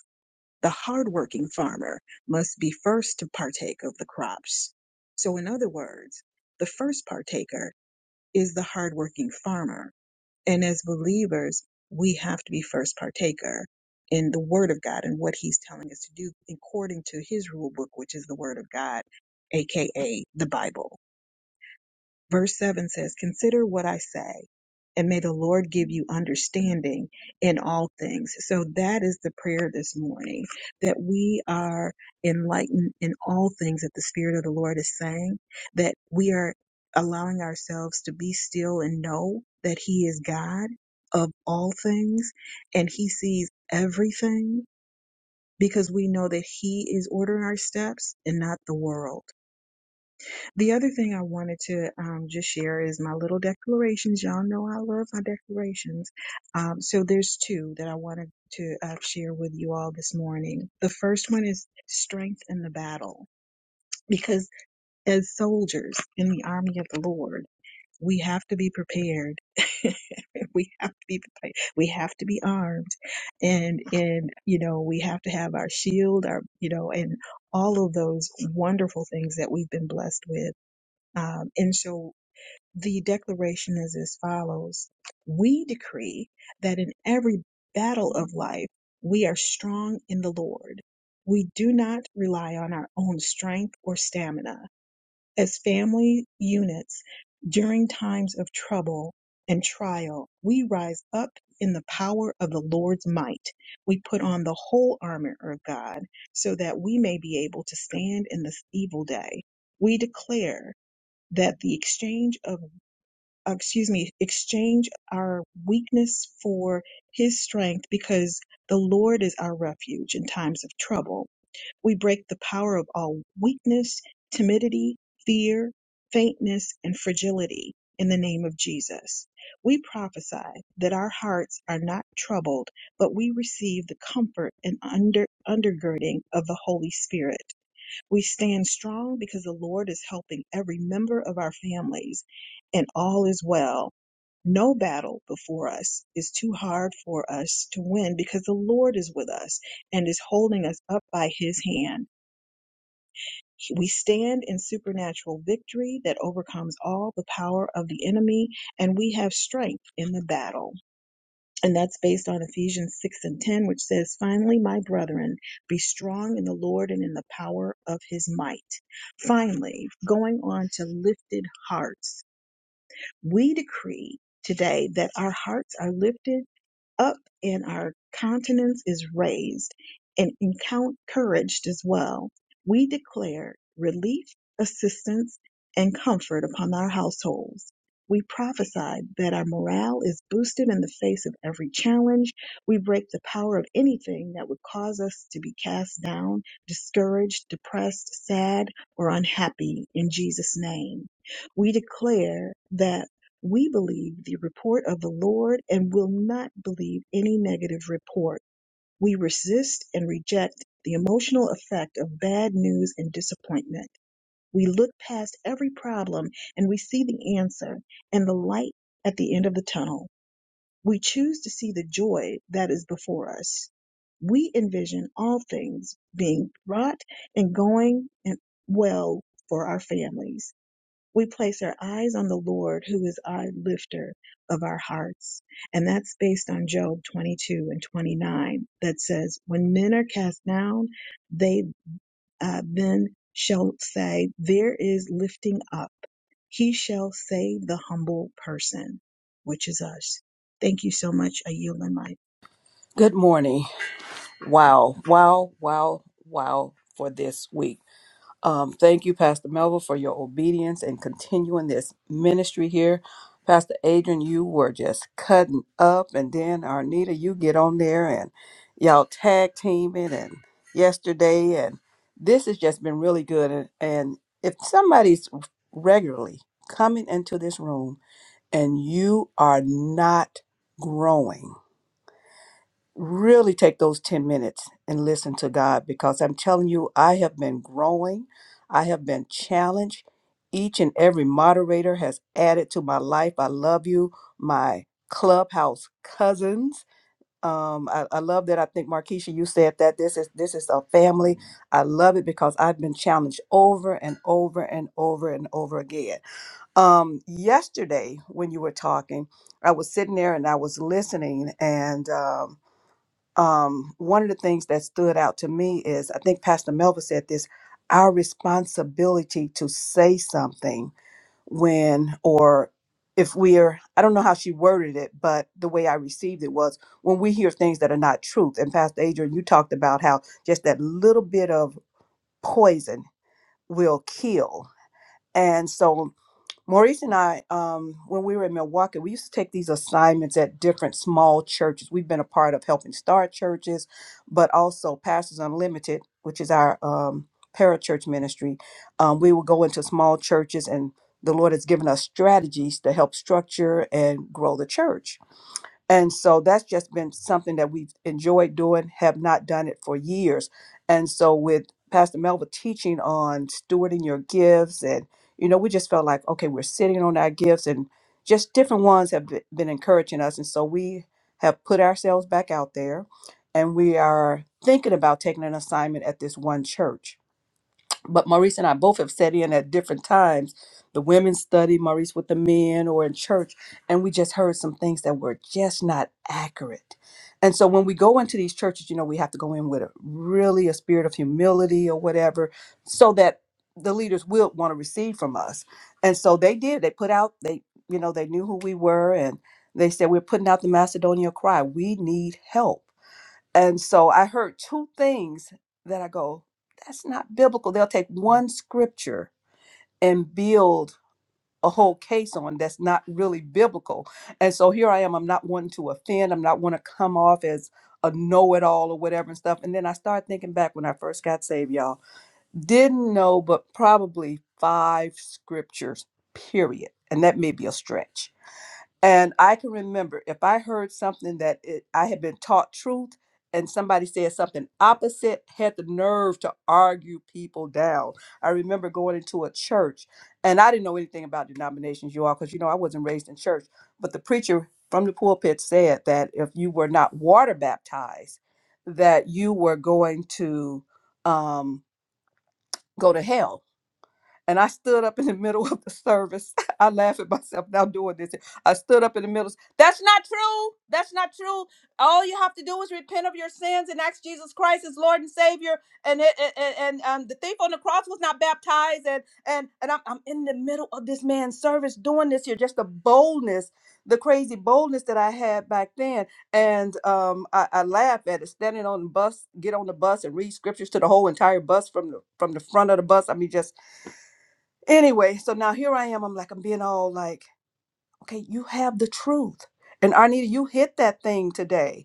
Speaker 8: The hardworking farmer must be first to partake of the crops. So, in other words, the first partaker is the hardworking farmer. And as believers, we have to be first partaker in the Word of God and what He's telling us to do according to His rule book, which is the Word of God, aka the Bible. Verse 7 says, Consider what I say, and may the Lord give you understanding in all things. So that is the prayer this morning that we are enlightened in all things that the Spirit of the Lord is saying, that we are allowing ourselves to be still and know that He is God of all things and He sees everything because we know that He is ordering our steps and not the world. The other thing I wanted to um, just share is my little declarations. Y'all know I love my declarations. Um, so there's two that I wanted to uh, share with you all this morning. The first one is strength in the battle, because as soldiers in the army of the Lord, we have to be prepared. we have to be prepared. We have to be armed, and and you know we have to have our shield, our you know, and all of those wonderful things that we've been blessed with um, and so the declaration is as follows We decree that in every battle of life, we are strong in the Lord. We do not rely on our own strength or stamina. As family units, during times of trouble and trial, we rise up in the power of the Lord's might. We put on the whole armor of God so that we may be able to stand in this evil day. We declare that the exchange of uh, excuse me exchange our weakness for his strength because the lord is our refuge in times of trouble we break the power of all weakness timidity fear faintness and fragility in the name of jesus we prophesy that our hearts are not troubled but we receive the comfort and under undergirding of the holy spirit we stand strong because the Lord is helping every member of our families, and all is well. No battle before us is too hard for us to win because the Lord is with us and is holding us up by his hand. We stand in supernatural victory that overcomes all the power of the enemy, and we have strength in the battle. And that's based on Ephesians 6 and 10, which says, Finally, my brethren, be strong in the Lord and in the power of his might. Finally, going on to lifted hearts, we decree today that our hearts are lifted up and our countenance is raised and encouraged as well. We declare relief, assistance, and comfort upon our households. We prophesy that our morale is boosted in the face of every challenge. We break the power of anything that would cause us to be cast down, discouraged, depressed, sad, or unhappy in Jesus' name. We declare that we believe the report of the Lord and will not believe any negative report. We resist and reject the emotional effect of bad news and disappointment. We look past every problem and we see the answer and the light at the end of the tunnel. We choose to see the joy that is before us. We envision all things being brought and going and well for our families we place our eyes on the Lord, who is our lifter of our hearts. And that's based on Job 22 and 29 that says, When men are cast down, they uh, then shall say, There is lifting up. He shall save the humble person, which is us. Thank you so much. I yield my mic.
Speaker 9: Good morning. Wow, wow, wow, wow for this week. Um, thank you, Pastor Melville, for your obedience and continuing this ministry here. Pastor Adrian, you were just cutting up, and then Arnita, you get on there and y'all tag teaming and yesterday, and this has just been really good. And, and if somebody's regularly coming into this room and you are not growing, really take those 10 minutes and listen to God because I'm telling you, I have been growing. I have been challenged. Each and every moderator has added to my life. I love you, my clubhouse cousins. Um, I, I love that. I think Markeisha, you said that this is this is a family. I love it because I've been challenged over and over and over and over again. Um, yesterday, when you were talking, I was sitting there and I was listening, and um, um, one of the things that stood out to me is I think Pastor Melva said this our responsibility to say something when or if we are, I don't know how she worded it, but the way I received it was when we hear things that are not truth. And Pastor Adrian, you talked about how just that little bit of poison will kill. And so Maurice and I, um, when we were in Milwaukee, we used to take these assignments at different small churches. We've been a part of helping start churches, but also Pastors Unlimited, which is our um, parachurch ministry. Um, we will go into small churches, and the Lord has given us strategies to help structure and grow the church. And so that's just been something that we've enjoyed doing, have not done it for years. And so with Pastor Melva teaching on stewarding your gifts, and, you know, we just felt like, okay, we're sitting on our gifts, and just different ones have be- been encouraging us. And so we have put ourselves back out there, and we are thinking about taking an assignment at this one church but Maurice and I both have sat in at different times. The women study Maurice with the men or in church, and we just heard some things that were just not accurate. And so when we go into these churches, you know, we have to go in with a really a spirit of humility or whatever, so that the leaders will want to receive from us. And so they did. They put out, they, you know, they knew who we were and they said, We're putting out the Macedonian cry. We need help and so I heard two things that I go, that's not biblical. They'll take one scripture and build a whole case on that's not really biblical. And so here I am. I'm not wanting to offend. I'm not want to come off as a know it all or whatever and stuff. And then I started thinking back when I first got saved, y'all. Didn't know, but probably five scriptures, period. And that may be a stretch and I can remember if I heard something that it, I had been taught truth and somebody said something opposite, had the nerve to argue people down. I remember going into a church and I didn't know anything about denominations, you all, because you know I wasn't raised in church. But the preacher from the pulpit said that if you were not water baptized, that you were going to um, go to hell and I stood up in the middle of the service. I laugh at myself now doing this. I stood up in the middle. That's not true. That's not true. All you have to do is repent of your sins and ask Jesus Christ as Lord and Savior. And it, and, and and, um, the thief on the cross was not baptized. And and and I'm, I'm in the middle of this man's service doing this here. Just the boldness, the crazy boldness that I had back then. And um, I, I laugh at it. Standing on the bus, get on the bus and read scriptures to the whole entire bus from the from the front of the bus. I mean, just Anyway, so now here I am. I'm like, I'm being all like, okay, you have the truth. And Arnita, you hit that thing today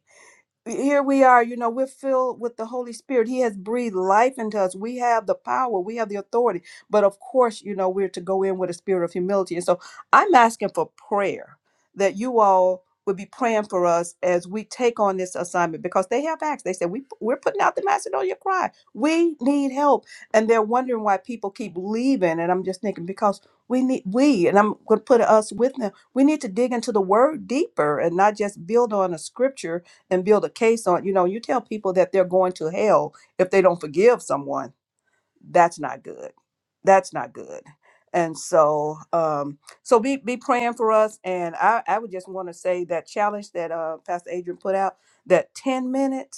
Speaker 9: here we are you know we're filled with the holy spirit he has breathed life into us we have the power we have the authority but of course you know we're to go in with a spirit of humility and so i'm asking for prayer that you all would be praying for us as we take on this assignment because they have asked they said we, we're putting out the macedonia cry we need help and they're wondering why people keep leaving and i'm just thinking because we need we and i'm going to put us with them we need to dig into the word deeper and not just build on a scripture and build a case on. You know, you tell people that they're going to hell if they don't forgive someone. That's not good. That's not good. And so, um, so be be praying for us. And I, I would just want to say that challenge that uh, Pastor Adrian put out that ten minutes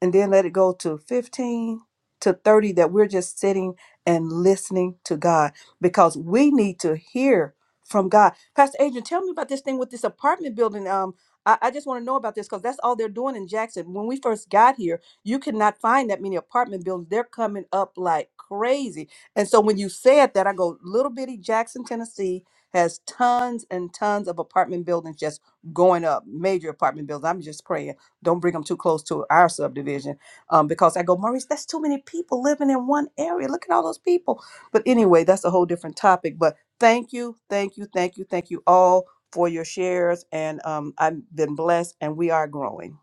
Speaker 9: and then let it go to 15 to 30 that we're just sitting and listening to God because we need to hear from God. Pastor Adrian, tell me about this thing with this apartment building. Um, I, I just want to know about this because that's all they're doing in Jackson. When we first got here, you could not find that many apartment buildings. They're coming up like crazy. And so when you said that, I go, little bitty Jackson, Tennessee has tons and tons of apartment buildings just going up, major apartment buildings. I'm just praying. Don't bring them too close to our subdivision um, because I go, Maurice, that's too many people living in one area. Look at all those people. But anyway, that's a whole different topic. But thank you, thank you, thank you, thank you all for your shares. And um, I've been blessed and we are growing.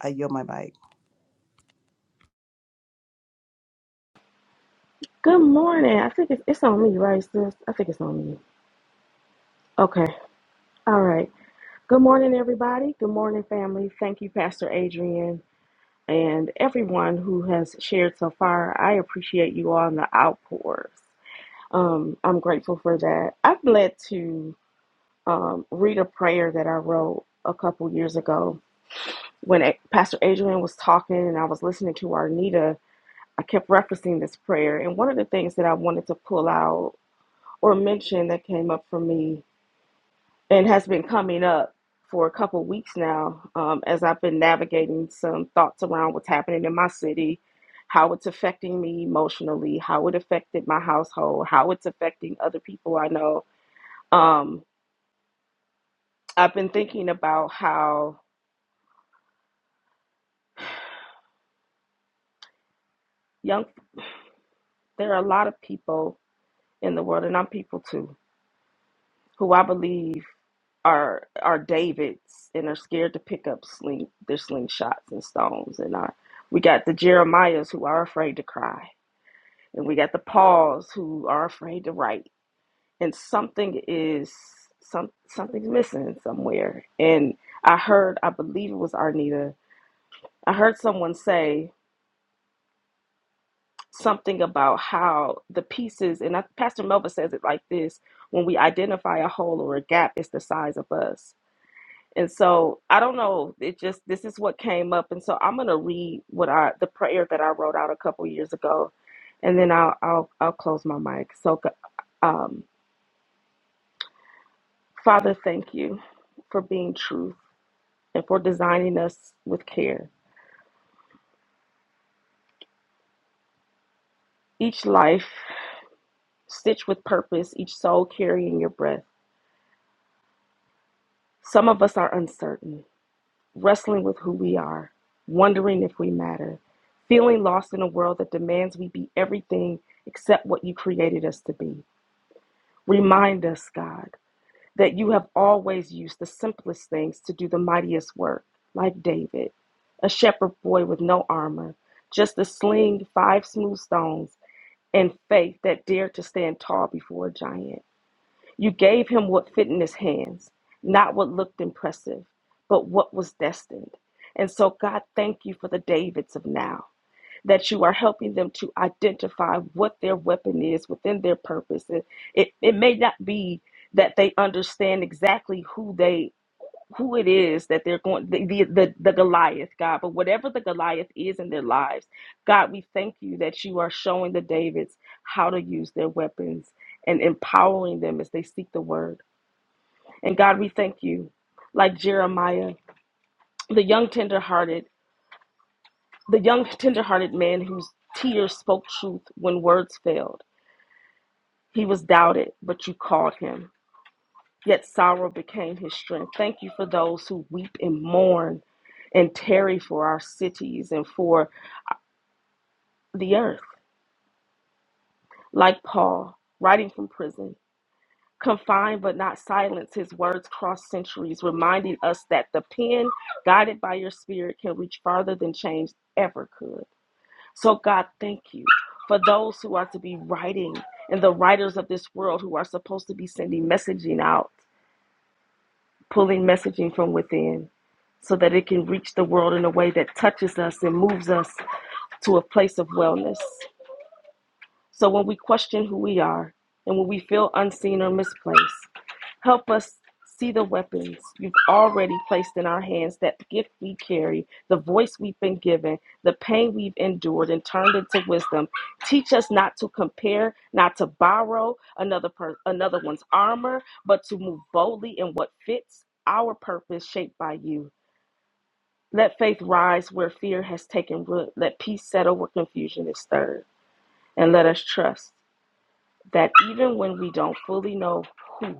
Speaker 9: I yield my mic.
Speaker 10: Good morning. I think it's, it's on me, right, sis? I think it's on me. Okay. All right. Good morning, everybody. Good morning, family. Thank you, Pastor Adrian, and everyone who has shared so far. I appreciate you all and the outpours. Um, I'm grateful for that. I've led to um, read a prayer that I wrote a couple years ago when A- Pastor Adrian was talking and I was listening to Arnita. I kept referencing this prayer, and one of the things that I wanted to pull out or mention that came up for me and has been coming up for a couple weeks now um, as I've been navigating some thoughts around what's happening in my city, how it's affecting me emotionally, how it affected my household, how it's affecting other people I know. Um, I've been thinking about how young, there are a lot of people in the world, and I'm people too, who I believe. are are Davids and are scared to pick up sling their slingshots and stones and are we got the Jeremiahs who are afraid to cry and we got the Pauls who are afraid to write and something is some something's missing somewhere and I heard I believe it was Arnita I heard someone say something about how the pieces and I, Pastor Melva says it like this when we identify a hole or a gap it's the size of us And so I don't know. It just this is what came up, and so I'm gonna read what I the prayer that I wrote out a couple years ago, and then I'll I'll I'll close my mic. So, go- um, Father, thank you for being truth and for designing us with care. Each life stitched with purpose, each soul carrying your breath. Some of us are uncertain, wrestling with who we are, wondering if we matter, feeling lost in a world that demands we be everything except what you created us to be. Remind us, God, that you have always used the simplest things to do the mightiest work, like David, a shepherd boy with no armor, just a sling, five smooth stones, and faith that dared to stand tall before a giant. You gave him what fit in his hands, not what looked impressive, but what was destined. And so, God, thank you for the Davids of now that you are helping them to identify what their weapon is within their purpose. It, it, it may not be that they understand exactly who they who it is that they're going the, the the the Goliath God, but whatever the Goliath is in their lives, God, we thank you that you are showing the Davids how to use their weapons and empowering them as they seek the word. And God, we thank you, like Jeremiah, the young tenderhearted. The young, tender-hearted man whose tears spoke truth when words failed. He was doubted, but you called him. Yet sorrow became his strength. Thank you for those who weep and mourn and tarry for our cities and for the earth. Like Paul, writing from prison, confined but not silenced, his words cross centuries, reminding us that the pen guided by your spirit can reach farther than change ever could. So, God, thank you for those who are to be writing and the writers of this world who are supposed to be sending messaging out, pulling messaging from within so that it can reach the world in a way that touches us and moves us to a place of wellness. So, when we question who we are and when we feel unseen or misplaced, Help us see the weapons you've already placed in our hands, that gift we carry, the voice we've been given, the pain we've endured and turned into wisdom. Teach us not to compare, not to borrow another per- another one's armor, but to move boldly in what fits our purpose shaped by you. Let faith rise where fear has taken root. Let peace settle where confusion is stirred. And let us trust that even when we don't fully know who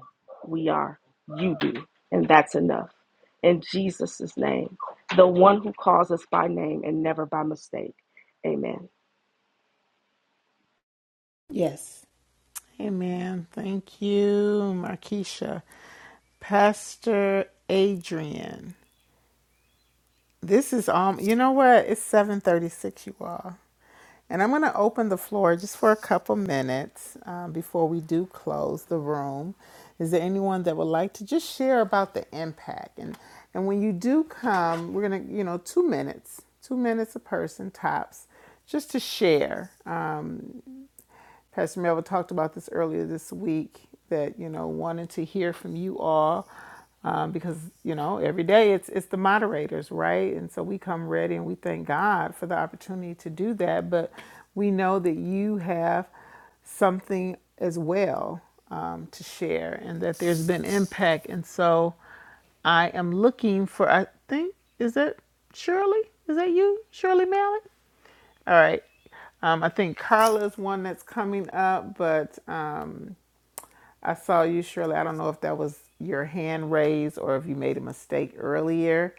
Speaker 10: we are, you do. And that's enough. In Jesus' name, the one who calls us by name and never by mistake. Amen.
Speaker 4: Yes. Amen. Thank you, Markeisha. Pastor Adrian. This is um you know what? It's 736, you all. And I'm going to open the floor just for a couple minutes um, before we do close the room. Is there anyone that would like to just share about the impact? And and when you do come, we're going to, you know, two minutes, two minutes a person tops, just to share. um, Pastor Melville talked about this earlier this week that you know wanted to hear from you all um, because you know every day it's it's the moderators right and so we come ready and we thank God for the opportunity to do that but we know that you have something as well um, to share and that there's been impact and so I am looking for I think is that Shirley is that you Shirley Mallett all right. Um, I think Carla's one that's coming up, but um, I saw you, Shirley. I don't know if that was your hand raised or if you made a mistake earlier,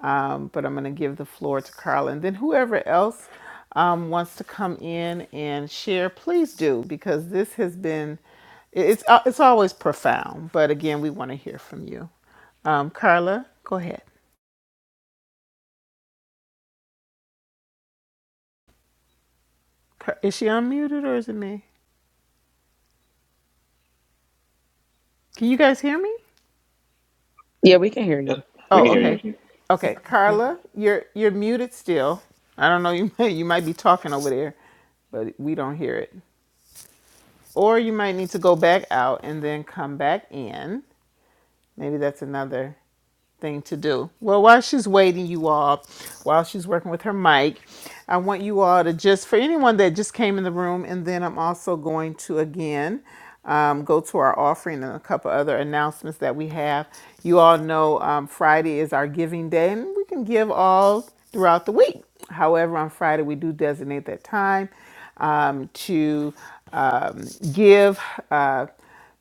Speaker 4: um, but I'm going to give the floor to Carla. And then whoever else um, wants to come in and share, please do, because this has been, it's, uh, it's always profound. But again, we want to hear from you. Um, Carla, go ahead. Car- Is she unmuted or is it me? Can you guys hear me?
Speaker 7: yeah we can hear you
Speaker 11: Yep, we
Speaker 4: Oh,
Speaker 10: We
Speaker 11: can
Speaker 10: can
Speaker 11: hear you.
Speaker 10: hear
Speaker 4: okay.
Speaker 10: you.
Speaker 4: Okay, Carla, you're you're muted still. I don't know, you may, you might be talking over there, but we don't hear it. Or you might need to go back out and then come back in. Maybe that's another thing to do. Well, while she's waiting, you all, while she's working with her mic, I want you all to just, for anyone that just came in the room, and then I'm also going to again um, go to our offering and a couple other announcements that we have. You all know um, Friday is our giving day, and we can give all throughout the week. However, on Friday, we do designate that time um, to um, give. Uh,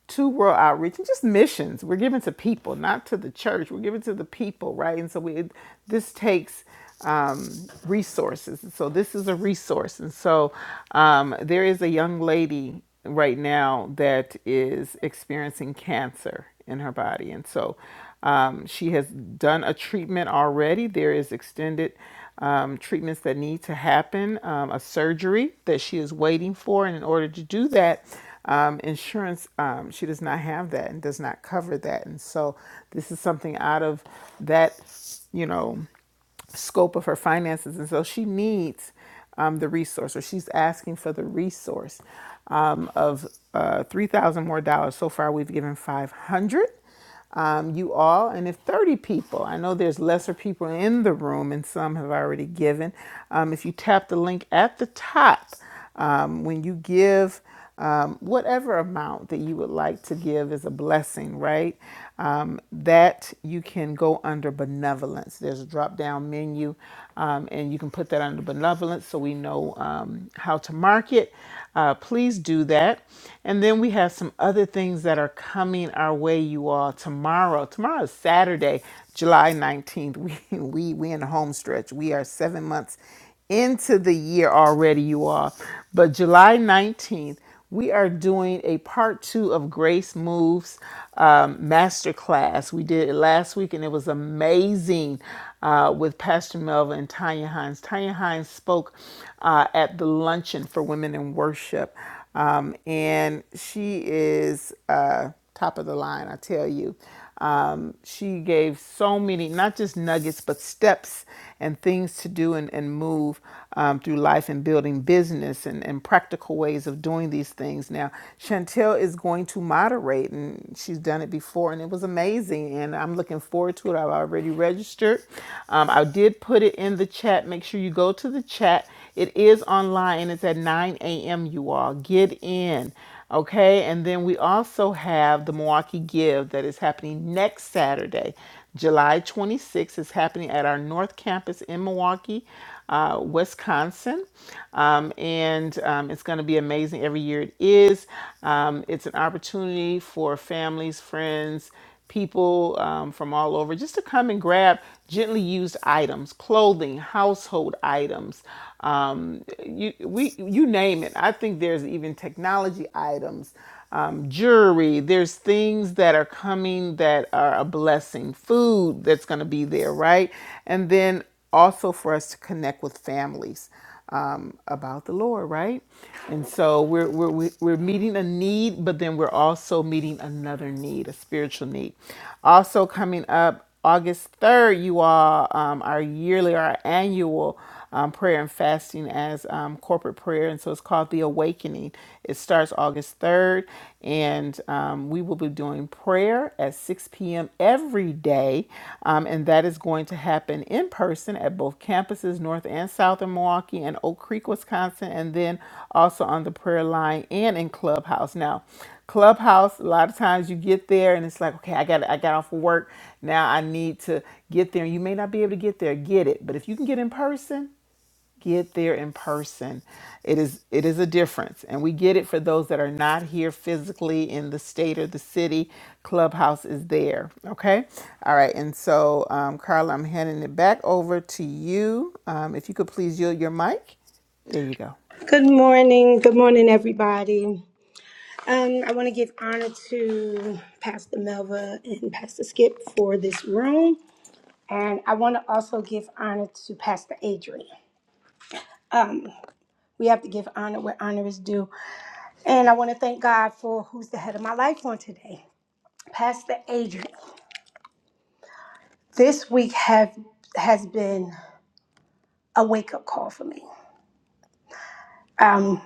Speaker 4: to world outreach and just missions. We're given to people, not to the church. We're given to the people, right? And so we this takes um, resources. And so this is a resource. And so um, there is a young lady right now that is experiencing cancer in her body, and so um, she has done a treatment already. There is extended um, treatments that need to happen, um, a surgery that she is waiting for. And in order to do that, um, insurance, um, she does not have that and does not cover that. And so this is something out of that, you know, scope of her finances. And so she needs um, the resource, or she's asking for the resource um, of uh, three thousand more dollars. So far, we've given five hundred um, you all. And if 30 people, I know there's lesser people in the room and some have already given. Um, if you tap the link at the top, um, when you give, um, whatever amount that you would like to give is a blessing, right? Um, that you can go under benevolence. There's a drop down menu, um, and you can put that under benevolence so we know um, how to mark it uh, please do that. And then we have some other things that are coming our way, you all. Tomorrow, tomorrow is Saturday, July 19th. We we we in the home stretch. We are seven months into the year already, you all. But July 19th. We are doing a part two of Grace Moves um, Masterclass. We did it last week and it was amazing uh, with Pastor Melva and Tanya Hines. Tanya Hines spoke uh, at the luncheon for women in worship, um, and she is uh, top of the line, I tell you. Um, she gave so many, not just nuggets, but steps and things to do and, and move um, through life and building business and, and practical ways of doing these things. Now, Chantel is going to moderate, and she's done it before, and it was amazing. And I'm looking forward to it. I've already registered. Um, I did put it in the chat. Make sure you go to the chat. It is online. It's at 9 a.m., you all. Get in. Okay, and then we also have the Milwaukee Give that is happening next Saturday, July 26th. It's happening at our North Campus in Milwaukee, uh, Wisconsin, um, and um, it's going to be amazing. Every year it is. Um, it's an opportunity for families, friends people um, from all over just to come and grab gently used items, clothing, household items. Um, you we you name it. I think there's even technology items, um, jewelry. There's things that are coming that are a blessing. Food that's going to be there, right? And then also for us to connect with families um, about the Lord, right? And so we're, we're, we- are we are we are meeting a need, but then we're also meeting another need, a spiritual need. Also, coming up August 3rd, you all, um, our yearly, our annual um, prayer and fasting as um, corporate prayer. And so it's called The Awakening. It starts August 3rd, and um, we will be doing morning prayer at 6 p.m. every day, um, and that is going to happen in person at both campuses, North and South in Milwaukee and Oak Creek, Wisconsin, and then also on the prayer line and in Clubhouse. Now, Clubhouse, a lot of times you get there and it's like, okay, I got I got off of work. Now I need to get there. You may not be able to get there, get it. But if you can get in person, get there in person it is it is a difference and we get it for those that are not here physically in the state or the city clubhouse is there okay all right and so um, carla i'm handing it back over to you um, if you could please yield your mic there you go
Speaker 12: Good morning. Good morning, everybody. Um, I want to give honor to Pastor Melva and Pastor Skip for this room. And I want to also give honor to Pastor Adrian. Um, we have to give honor where honor is due. And I want to thank God for who's the head of my life on today. Pastor Adrian, this week have has been a wake-up call for me. Um,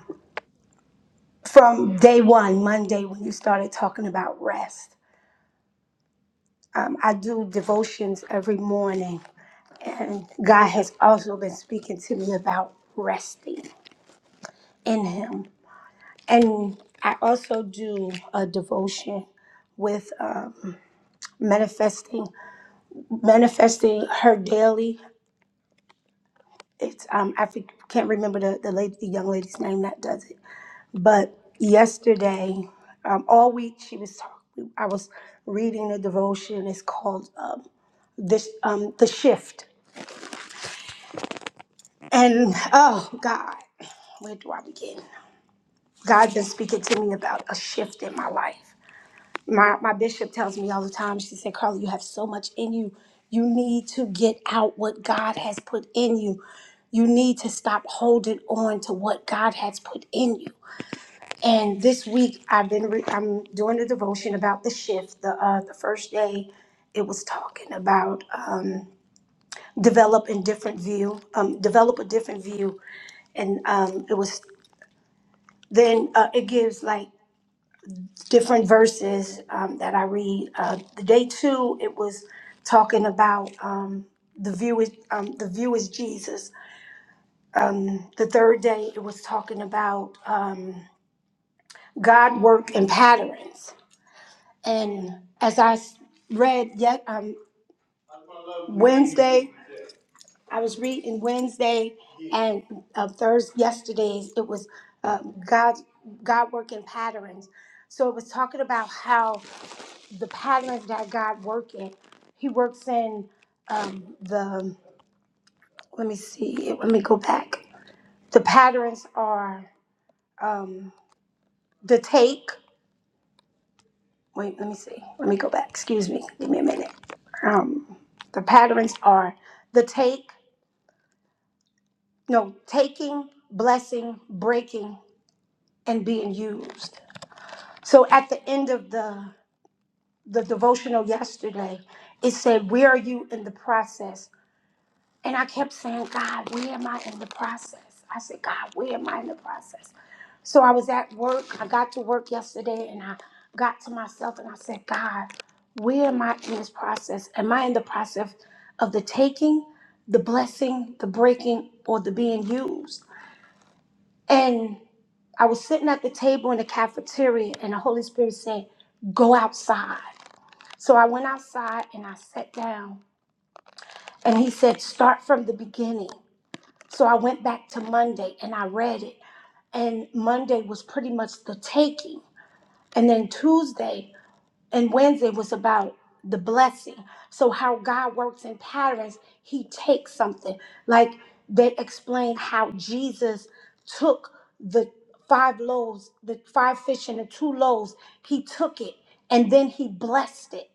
Speaker 12: from day one, Monday, when you started talking about rest. Um, I do devotions every morning And God has also been speaking to me about resting in Him. And I also do a devotion with um, manifesting, manifesting her daily. It's um, I think- can't remember the the lady, the young lady's name that does it. But yesterday, um, all week she was talking. I was reading the devotion. It's called um, this um, the shift. And oh God, where do I begin? God's been speaking to me about a shift in my life. My my bishop tells me all the time, she said, Carla, you have so much in you. You need to get out what God has put in you. You need to stop holding on to what God has put in you. And this week I've been re- I'm doing a devotion about the shift. The uh, the first day it was talking about um, develop a different view, um, develop a different view, and um, it was then uh, it gives like different verses um, that I read. Uh, the day two, it was talking about um, the view is um, the view is Jesus. Um, the third day, it was talking about um, God work and patterns. And as I s- read yet um, Wednesday, I was reading Wednesday and uh, Thursday yesterday's. It was uh, God God work and patterns. So it was talking about how. the patterns that God work in. He works in um, the. Let me see. Let me go back. The patterns are um, the take. Wait. Let me see. Let me go back. Excuse me. Give me a minute. Um, the patterns are the take. No, taking, blessing, breaking, and being used. So at the end of the the devotional yesterday, it said, "Where are you in the process?" And I kept saying, God, where am I in the process? I said, God, where am I in the process? So I was at work. I got to work yesterday and I got to myself and I said, God, where am I in this process? Am I in the process of the taking, the blessing, the breaking, or the being used? And I was sitting at the table in the cafeteria and the Holy Spirit said, Go outside. So I went outside and I sat down. And he said, Start from the beginning. So I went back to Monday and I read it. And Monday was pretty much the taking. And then Tuesday and Wednesday was about the blessing. So, how God works in patterns, He takes something. Like they explained how Jesus took the five loaves, the five fish and the two loaves, He took it and then He blessed it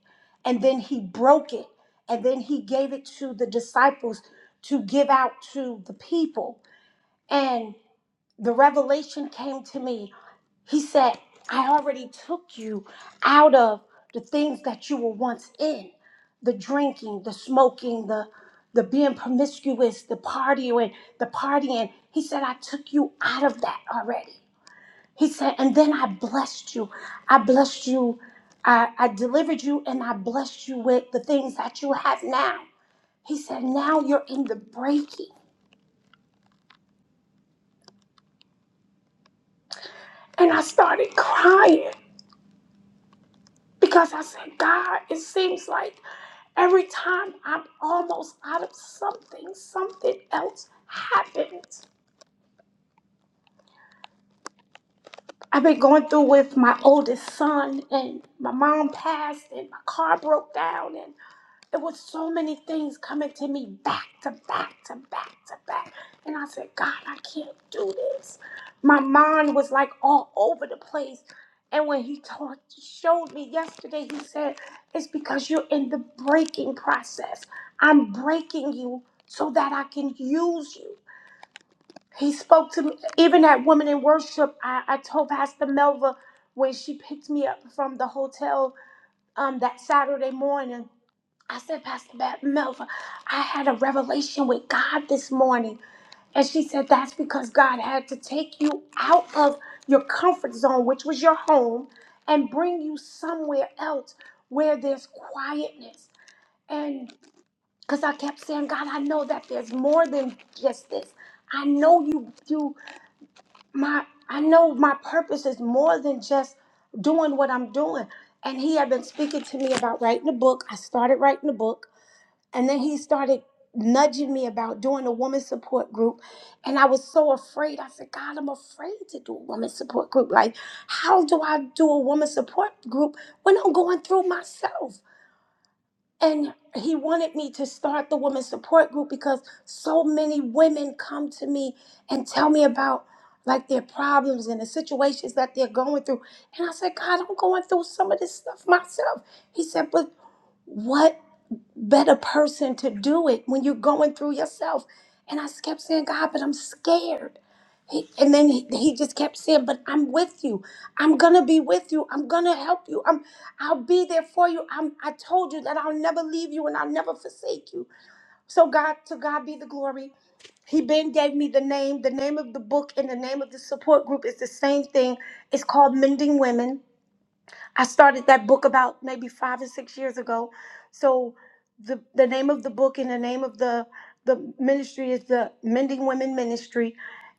Speaker 12: and then He broke it and then He gave it to the disciples to give out to the people and the revelation came to me. He said, I already took you out of the things that you were once in the drinking, the smoking, the the being promiscuous, the partying, the partying. He said, I took you out of that already. He said, and then I blessed you. I blessed you. I, I delivered you and I blessed you with the things that you have now. He said, now you're in the breaking. And I started crying Because I said, God, it seems like every time I'm almost out of something, something else happens. I've been going through with my oldest son, and my mom passed, and my car broke down, and. It was so many things coming to me back to back to back to back. And I said, God, I can't do this. My mind was like all over the place. And when he taught, showed me yesterday, he said, It's because you're in the breaking process. I'm breaking you so that I can use you. He spoke to me, even that woman in worship. I, I told Pastor Melva when she picked me up from the hotel um, that Saturday morning I said, Pastor Bat Melva, I had a revelation with God this morning. And she said, That's because God had to take you out of your comfort zone, which was your home, and bring you somewhere else where there's quietness. And because I kept saying, God, I know that there's more than just this. I know you you my I know my purpose is more than just doing what I'm doing. And he had been speaking to me about writing a book. I started writing a book and then he started nudging me about doing a woman support group. And I was so afraid. I said, God, I'm afraid to do a woman support group. Like, how do I do a woman support group when I'm going through myself? And he wanted me to start the woman support group because so many women come to me and tell me about like their problems and the situations that they're going through. And I said, God, I'm going through some of this stuff myself. He said, but what better person to do it when you're going through yourself. And I kept saying, God, but I'm scared. He, and then he, he just kept saying, but I'm with you. I'm gonna be with you. I'm gonna help you. I'm I'll be there for you. I'm I told you that I'll never leave you and I'll never forsake you. So God, to God be the glory. He then gave me the name. The name of the book and the name of the support group is the same thing. It's called Mending Women I started that book about maybe five or six years ago. So the the name of the book and the name of the the ministry is the Mending Women Ministry.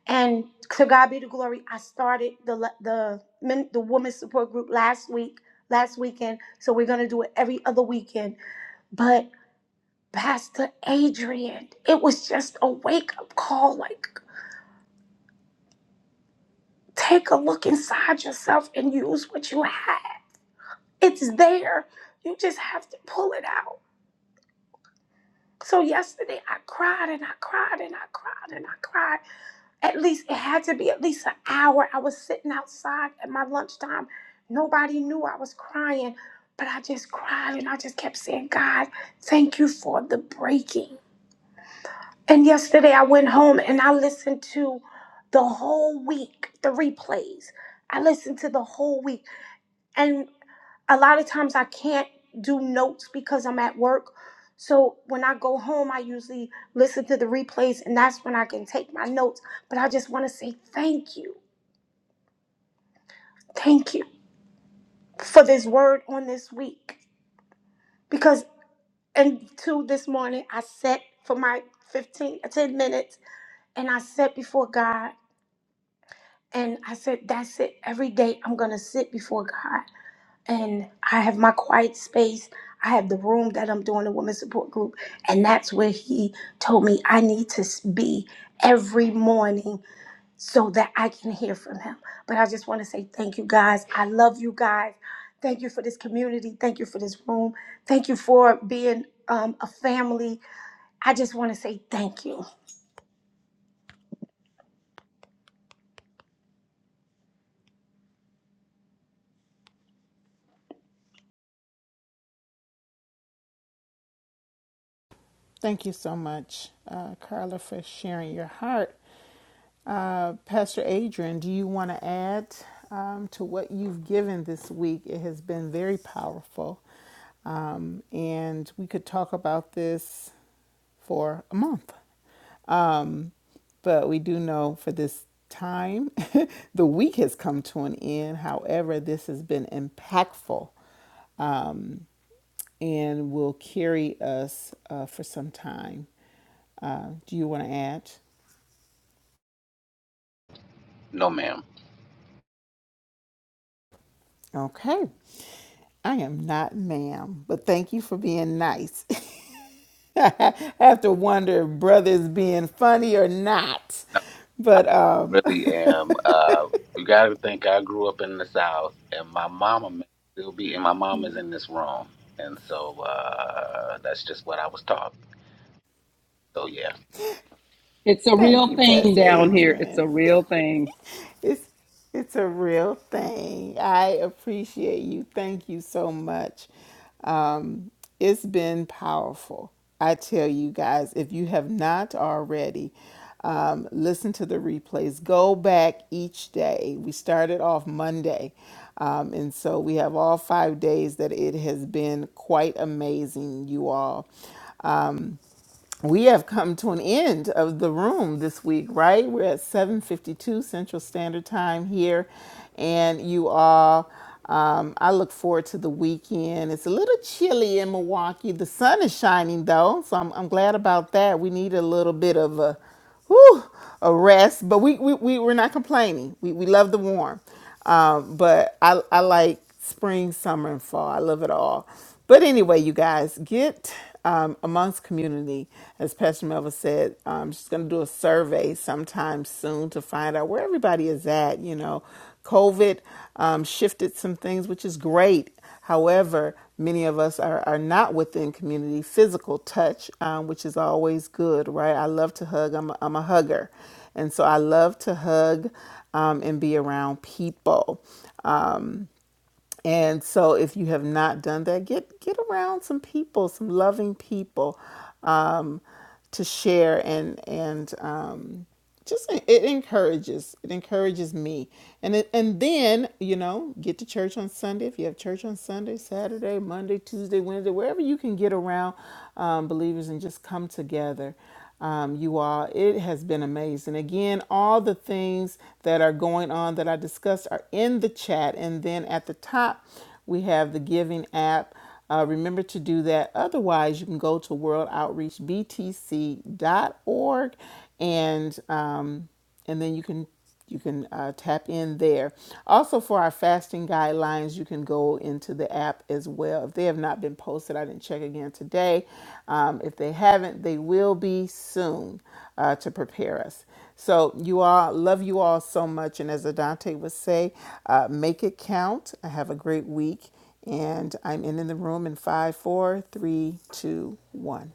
Speaker 12: And to God be the glory. I started the le- the men, the women's support group last week, last weekend. So we're gonna do it every other weekend. But Pastor Adrian, it was just a wake up call. Like, take a look inside yourself and use what you have. It's there. You just have to pull it out. So yesterday I cried and I cried and I cried and I cried. At least it had to be at least an hour. I was sitting outside at my lunchtime. Nobody knew I was crying, but I just cried and I just kept saying, God, thank you for the breaking. And yesterday I went home and I listened to the whole week, the replays. I listened to the whole week. and a lot of times I can't do notes because I'm at work. So when I go home, I usually listen to the replays, and that's when I can take my notes. But I just want to say thank you. Thank you for this word on this week. Because until this morning, I sat for my 15 uh, 10 minutes and I sat before God and I said, That's it. Every day I'm going to sit before God. and I have my quiet space. I have the room that I'm doing the women's support group, and that's where he told me I need to s- be every morning so that I can hear from him. But I just want to say thank you guys. I love you guys. Thank you for this community. Thank you for this room. Thank you for being um, a family. I just want to say thank you.
Speaker 4: thank you so much uh, carla for sharing your heart uh, pastor adrian do you want to add um, to what you've given this week it has been very powerful and we could talk about this for a month. Um, but we do know for this time, the week has come to an end. However, this has been impactful and will carry us uh, for some time. Uh, do you want to add?
Speaker 6: No, ma'am.
Speaker 4: Okay. I am not ma'am, but thank you for being nice. I have to wonder if brother's being funny or not.
Speaker 6: No, I
Speaker 4: But um,
Speaker 6: really am. Uh, you got to think I grew up in the South, and my mama may still be, and my mom is
Speaker 4: yeah.
Speaker 6: in this room, and so uh, that's just what I was taught. So yeah.
Speaker 9: It's a
Speaker 4: thank
Speaker 9: real
Speaker 4: you,
Speaker 9: thing
Speaker 4: Pastor
Speaker 9: down here. It's
Speaker 4: Adrian.
Speaker 9: a real thing.
Speaker 4: It's it's a real thing. I appreciate you. Thank you so much. It's been powerful. I tell you guys, if you have not already, um, listen to the replays. Go back each day. We started off Monday. Um, and so we have all five days that it has been quite amazing, you all we have come to an end of the room this week, right? We're at 7:52 Central Standard Time here, and you all. Um, I look forward to the weekend. It's a little chilly in Milwaukee. The sun is shining though, so I'm, I'm glad about that. We need a little bit of a whew, a rest. But we, we, we we're not complaining. We, we love the warm. Um, but I, I like spring, summer, and fall. I love it all. But anyway, you guys, get um, amongst community. As Pastor Melva said, um, she's going to do a survey sometime soon to find out where everybody is at. You know, COVID um, shifted some things, which is great. However, many of us are, are not within community physical touch, um, which is always good, right? I love to hug. I'm a, I'm a hugger. And so I love to hug um, and be around people. And so, if you have not done that, get get around some people, some loving people, um, to share and and um, just it encourages it encourages me. And it, and then you know, get to church on Sunday if you have church on Sunday, Saturday, Monday, Tuesday, Wednesday, wherever you can get around um, believers and just come together um, you all. It has been amazing. Again, all the things that are going on that I discussed are in the chat. And then at the top, we have the giving app. Uh, remember to do that. Otherwise, you can go to worldoutreachbtc.org and um, and then you can you can uh, tap in there. Also, for our fasting guidelines, you can go into the app as well. If they have not been posted, I didn't check again today. Um, if they haven't, they will be soon uh, to prepare us. So, you all, love you all so much. And as Adante would say, uh, make it count. Have a great week. And I'm ending the room in five, four, three, two, one.